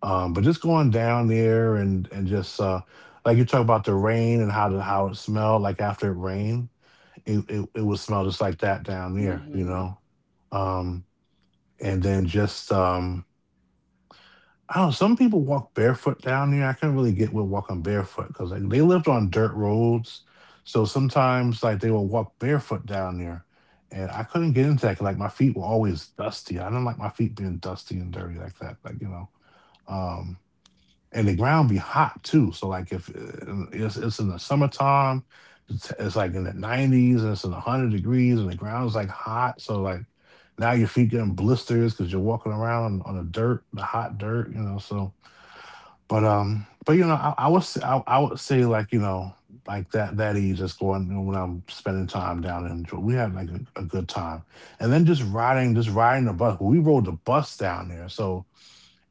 S2: But just going down there, and just like you talk about the rain and how it smelled like after it rained, it would smell just like that down there, you
S1: Mhm.
S2: know? Um, and then just, I don't know, some people walk barefoot down there. I couldn't really get with walking barefoot because, like, they lived on dirt roads, so sometimes, like, they would walk barefoot down there, and I couldn't get into that, 'cause, like, my feet were always dusty. I don't like my feet being dusty and dirty like that, like, you know? Um and the ground be hot too. So like if it's in the summertime, it's like in the 90s and it's in 100 degrees and the ground's like hot. So like now your feet getting blisters because you're walking around on, the dirt, the hot dirt, you know. So but you know I would say, like, you know, like that age, just going, you know, when I'm spending time down in Geor-, we had like a good time. And then just riding the bus, we rode the bus down there, so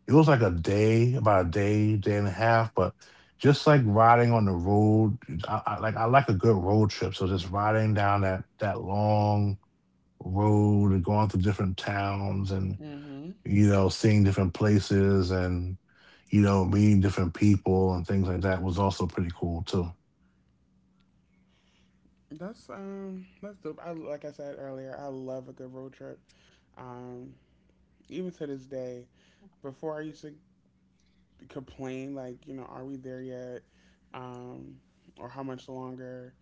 S2: it was like a day, about day and a half, but just like riding on the road, I like a good road trip. So just riding down that long road and going through different towns, and
S1: Mhm.
S2: you know, seeing different places, and you know, meeting different people and things like that was also pretty cool too.
S1: That's dope. I like I said earlier, I love a good road trip. Um, even to this day, before I used to complain, like, you know, are we there yet? Um, or how much longer?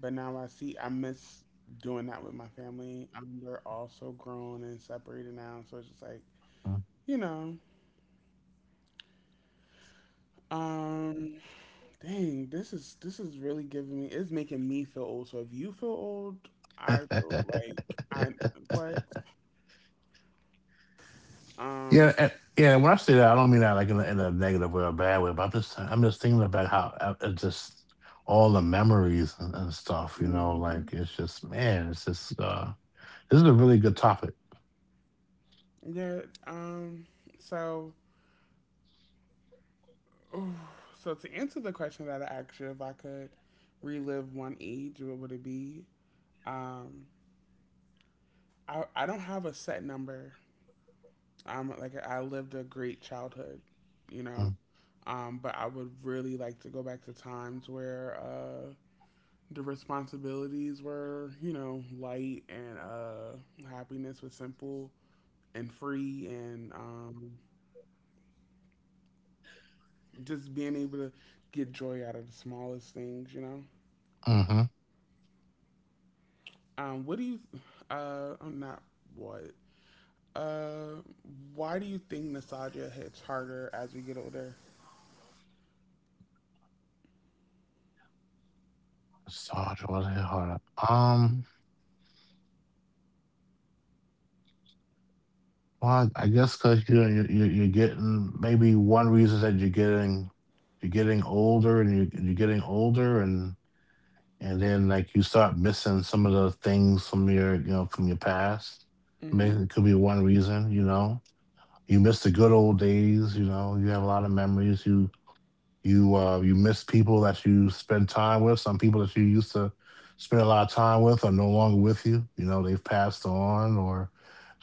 S1: But now I see, I miss doing that with my family. We're also grown and separated now. So it's just like, you know, um, dang, this is really giving me, it's making me feel old. So if you feel old, I feel like I, what?
S2: Yeah,
S1: Um,
S2: yeah. When I say that, I don't mean that like in a negative way or a bad way, but I'm just thinking about how it's just all the memories and stuff. You know, like,
S1: mhm.
S2: it's just, man, it's just this is a really good topic.
S1: Yeah, so. Oh, so to answer the question that I asked you, if I could relive one age, what would it be? Um, I don't have a set number. Like I lived a great childhood, you
S2: Mm.
S1: know, but I would really like to go back to times where the responsibilities were, you know, light and happiness was simple and free, and just being able to get joy out of the smallest things, you know.
S2: Mm-hmm.
S1: What do you? I'm not what. Uh, why do you think nostalgia hits harder as we get older?
S2: Sarge, what hit harder? Um, well, I guess because you know you're getting, maybe one reason is that you're getting older, and you're getting older. And. And then, like, you start missing some of the things from your, you know, from your past.
S1: Mm-hmm.
S2: Maybe it could be one reason. You know, you miss the good old days, you know, you have a lot of memories, you you miss people that you spend time with, some people that you used to spend a lot of time with are no longer with you, you know, they've passed on,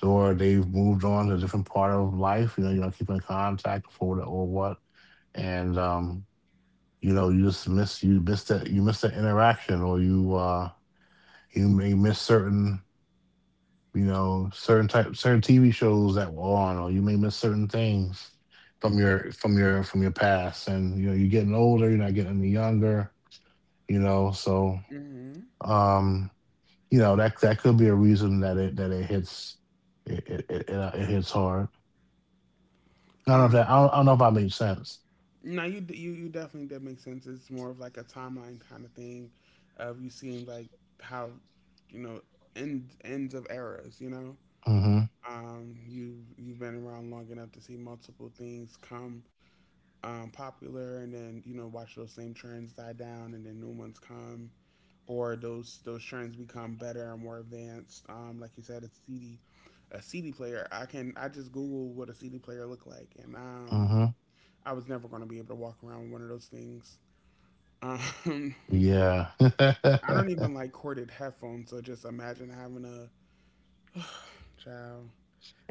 S2: or they've moved on to a different part of life, you know, you don't keep in contact for what or what. And you know, you just miss that, you miss that interaction, or you you may miss certain, you know, certain type, certain TV shows that were on, or you may miss certain things from your from your from your past. And you know, you're getting older, you're not getting any younger, you know. So,
S1: Mm-hmm.
S2: um, you know, that could be a reason that it hits it hits hard. I don't know if
S1: Um,
S2: that, I don't know if I made sense.
S1: now you you definitely did make sense. It's more of like a timeline kind of thing, of you seeing like how, you know, ends of eras. You know, you you've been around long enough to see multiple things come popular, and then you know watch those same trends die down, and then new ones come. Or those trends become better and more advanced. Like you said, a CD, a CD player. I can I just Google what a CD player look like, and
S2: Mm-hmm.
S1: I was never going to be able to walk around with one of those things. Um,
S2: Mm-hmm.
S1: I don't even
S2: Yeah.
S1: like corded headphones, so just imagine having a child.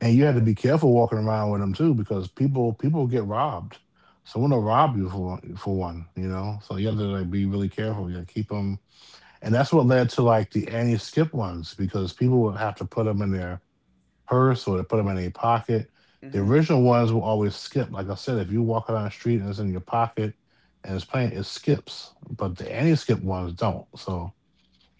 S2: And you had to
S1: But
S2: be careful walking around with them too, because people get robbed. Someone will rob you for one, you know. So you have to like be really careful. You got to keep them, and that's what led to like the anti-skip ones, because people would have to put them in their purse, or they put them in their pocket. The
S1: mhm.
S2: original ones will always skip. Like I said, if you walk down the street and it's in your pocket and it's playing, it skips. But the anti-skip ones don't. So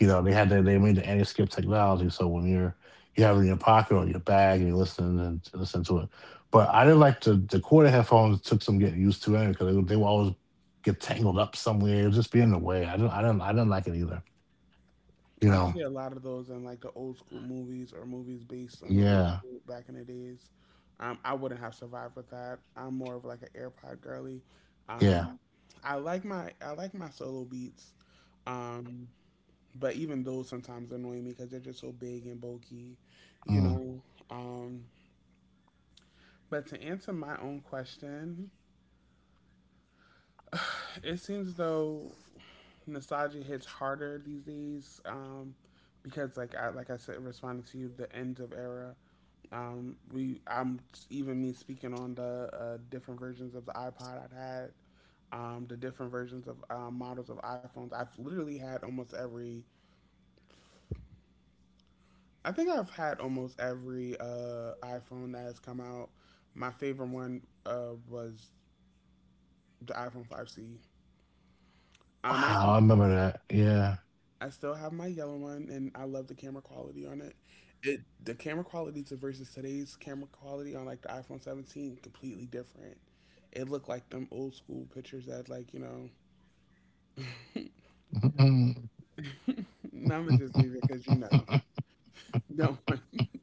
S2: you know, they made the anti-skip technology. So when you have it in your pocket or your bag and you're listening and to listen to it. But I didn't like the corded headphones, took some getting used to it, because they would always get tangled up somewhere. It would just be in the way. I didn't like it either. You
S1: I see
S2: know.
S1: a lot of those in like the old school movies or movies based on the old
S2: Yeah.
S1: school back in the days. I wouldn't have survived with that. I'm more of like an AirPod girly.
S2: Yeah.
S1: Um, I like my solo beats, um, but even those sometimes annoy me because they're just so big and bulky, you
S2: Mm.
S1: know. Um, but to answer my own question, it seems though nostalgia hits harder these days because like I said, responding to you, the end of era. We I'm Even me speaking on the different versions of the iPod I've had, the different versions of models of iPhones. I've literally had almost every. I think I've had almost every iPhone that has come out. My favorite one was the iPhone 5C. I'm actually
S2: Wow, I remember that. Yeah.
S1: I still have my yellow one, and I love the camera quality on it. It the camera quality to versus today's camera quality on like the iPhone 17, completely different. It looked like them old school pictures that.
S2: Mm-mm.
S1: I'm gonna just leave it because don't. Want-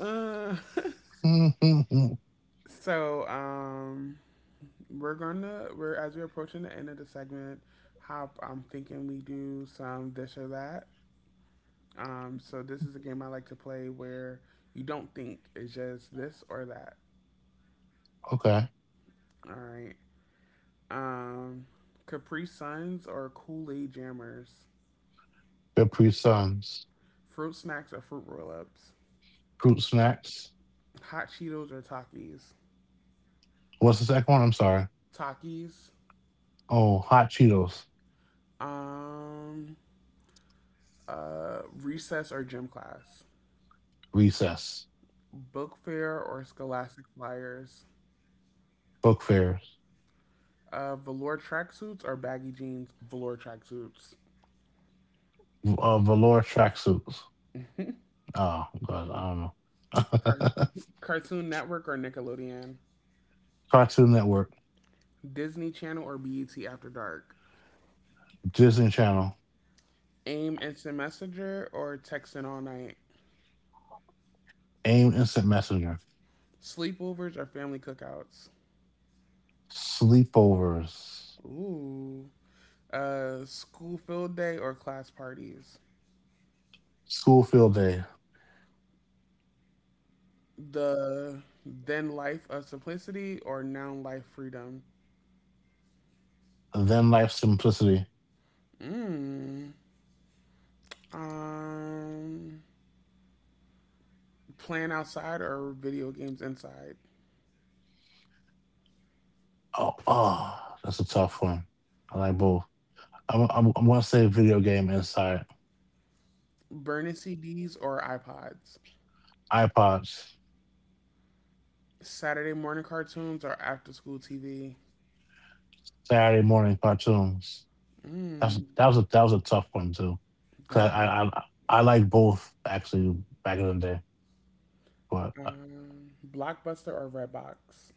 S1: Uh,
S2: Mm-mm.
S1: so we're as we're approaching the end of the segment. Hop, I'm thinking we do some this or that. So this is a game I like to play where you don't think it's just this or that.
S2: Okay.
S1: All right. Um, Capri Suns or Kool Aid Jammers.
S2: Capri Suns.
S1: Fruit snacks or fruit roll ups.
S2: Fruit snacks.
S1: Hot Cheetos or Takis.
S2: What's the second one? I'm sorry.
S1: Takis.
S2: Oh, hot Cheetos.
S1: Um, Recess or gym class.
S2: Recess.
S1: Book fair or scholastic flyers.
S2: Book fairs.
S1: Velour tracksuits or baggy jeans. Velour tracksuits.
S2: Uh, velour tracksuits. Oh God, I don't
S1: Car-
S2: know.
S1: Cartoon Network or Nickelodeon.
S2: Cartoon Network.
S1: Disney Channel or BET After Dark.
S2: Disney Channel.
S1: AIM Instant Messenger or texting all night.
S2: AIM Instant Messenger.
S1: Sleepovers or family cookouts?
S2: Sleepovers.
S1: Ooh. School field day or class parties?
S2: School Field Day.
S1: The then life of simplicity or now life freedom?
S2: Then Life Simplicity.
S1: Mm. Um, Playing outside or video games inside?
S2: Oh, oh, that's a tough one. I like both. I'm gonna say Video Game inside.
S1: Burning CDs or iPods?
S2: iPods.
S1: Saturday morning cartoons or after school TV?
S2: Saturday Morning Cartoons. That's,
S1: Mm,
S2: that was a tough one too, cause
S1: that
S2: I like both actually back in the day, but
S1: Blockbuster or Redbox?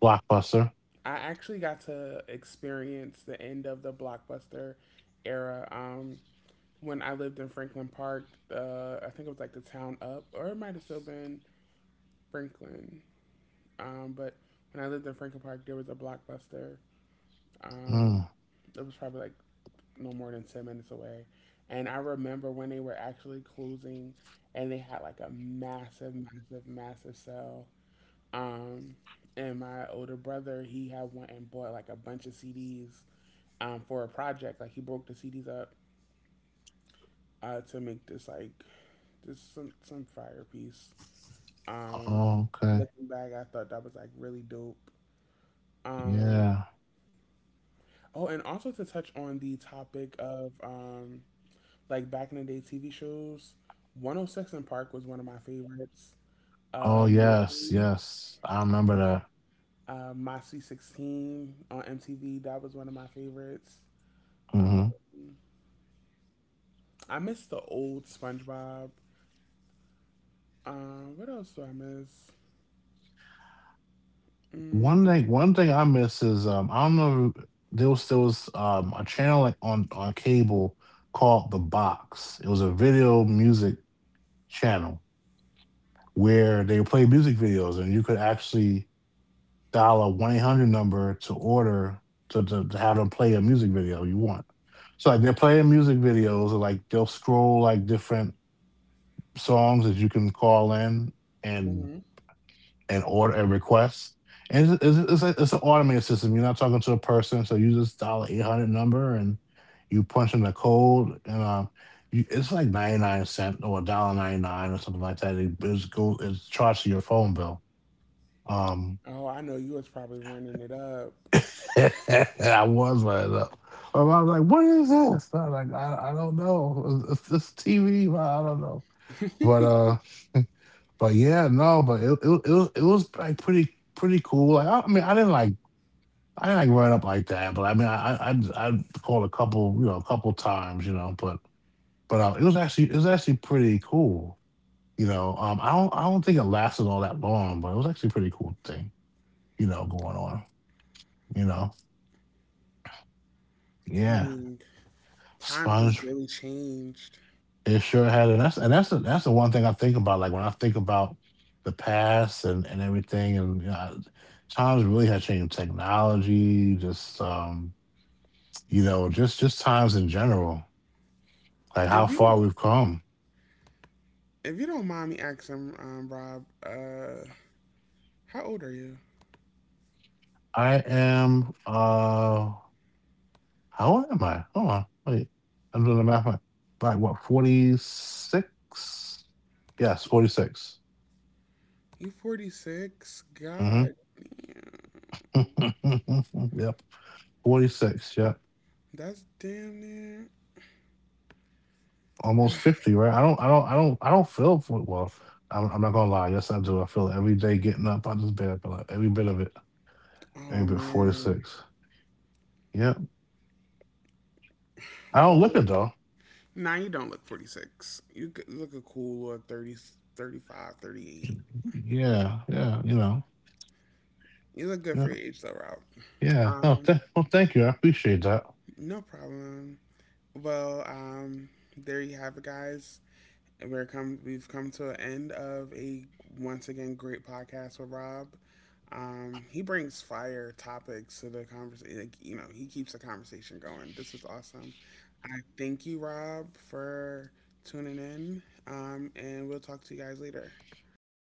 S2: Blockbuster.
S1: I actually got to experience the end of the blockbuster era. When I lived in Franklin Park, I think it was like the town up, or it might have still been Franklin. But when I lived in Franklin Park, there was a blockbuster. Um,
S2: Mm.
S1: it was probably like no more than 10 minutes away. And I remember when they were actually closing, and they had like a massive, massive, massive sale. Um, and my older brother, he had went and bought like a bunch of CDs for a project. Like he broke the CDs up to make this like this some fire piece. Um,
S2: Oh, okay.
S1: Looking back, I thought that was like really dope. Um,
S2: Yeah.
S1: oh, and also to touch on the topic of like back in the day TV shows, 106 and Park was one of my favorites.
S2: Oh, yes,
S1: Um,
S2: yes. I remember that.
S1: Moxie 16 on MTV, that was one of my favorites. Um,
S2: Mhm.
S1: I miss the old SpongeBob. What else do I miss?
S2: One
S1: Mm-hmm.
S2: thing one thing I miss is, I don't know, there was a channel, like, on cable called The Box. It was a video music channel where they play music videos, and you could actually dial a 1-800 number to order to have them play a music video you want. So, like, they're playing music videos, and, like, they'll scroll, like, different songs that you can call in and and order and request. And it's, like, it's an automated system. You're not talking to a person, so you just dial an 800 number, and you punch in the code, and you, it's like 99 cents or a dollar ninety nine or something like that. It's go it's charged to your phone bill. Um,
S1: Oh, I know you was probably running it up.
S2: I was right up. I was like, "What is this?" I was like, I don't know. It's TV. But I don't know." But. But yeah, no, but it was, it was like pretty pretty cool. Like, I didn't like, run up like that, but I mean, I called a couple, you know, a couple times, you know, but it was actually, it was actually pretty cool, you know. I don't think it lasted all that long, but it was actually a pretty cool thing, you know, going on, you know. Yeah,
S1: Dang, times has
S2: sponge.
S1: really changed.
S2: It sure had, and that's, and that's the one thing I think about, like, when I think about the past and everything, and, you know, I, times really have changed, technology, just, you know, just times in general, like, how
S1: If you
S2: far
S1: don't-
S2: we've come.
S1: if you don't mind me asking, Rob, how old are you?
S2: I am, how old am I? Hold on, wait, I'm doing the math right. Like, what, 46? Yes, 46.
S1: You 46?
S2: Mhm.
S1: God,
S2: Yep, 46, yep.
S1: that's damn near.
S2: Almost 50, right? I don't feel for, well, I'm not gonna lie, yes I do. I feel it every day getting up out of this bed, I feel like every bit of it. Every
S1: Oh
S2: bit
S1: man.
S2: 46. Yep. I don't look
S1: Well,
S2: it though.
S1: now you don't look 46. You g- look a cool little thirty five, 38.
S2: Yeah, yeah, you know.
S1: You look good
S2: Yeah.
S1: for your age though, Rob.
S2: Yeah. No,
S1: Um,
S2: well thank you. I appreciate that.
S1: no problem. Well, there you have it, guys. And We're come. We've come to an end of a once again great podcast with Rob. He brings fire topics to the conversation. Like, you know, he keeps the conversation going. This is awesome. I thank you, Rob, for tuning in. And we'll talk to you guys later.
S2: Thank you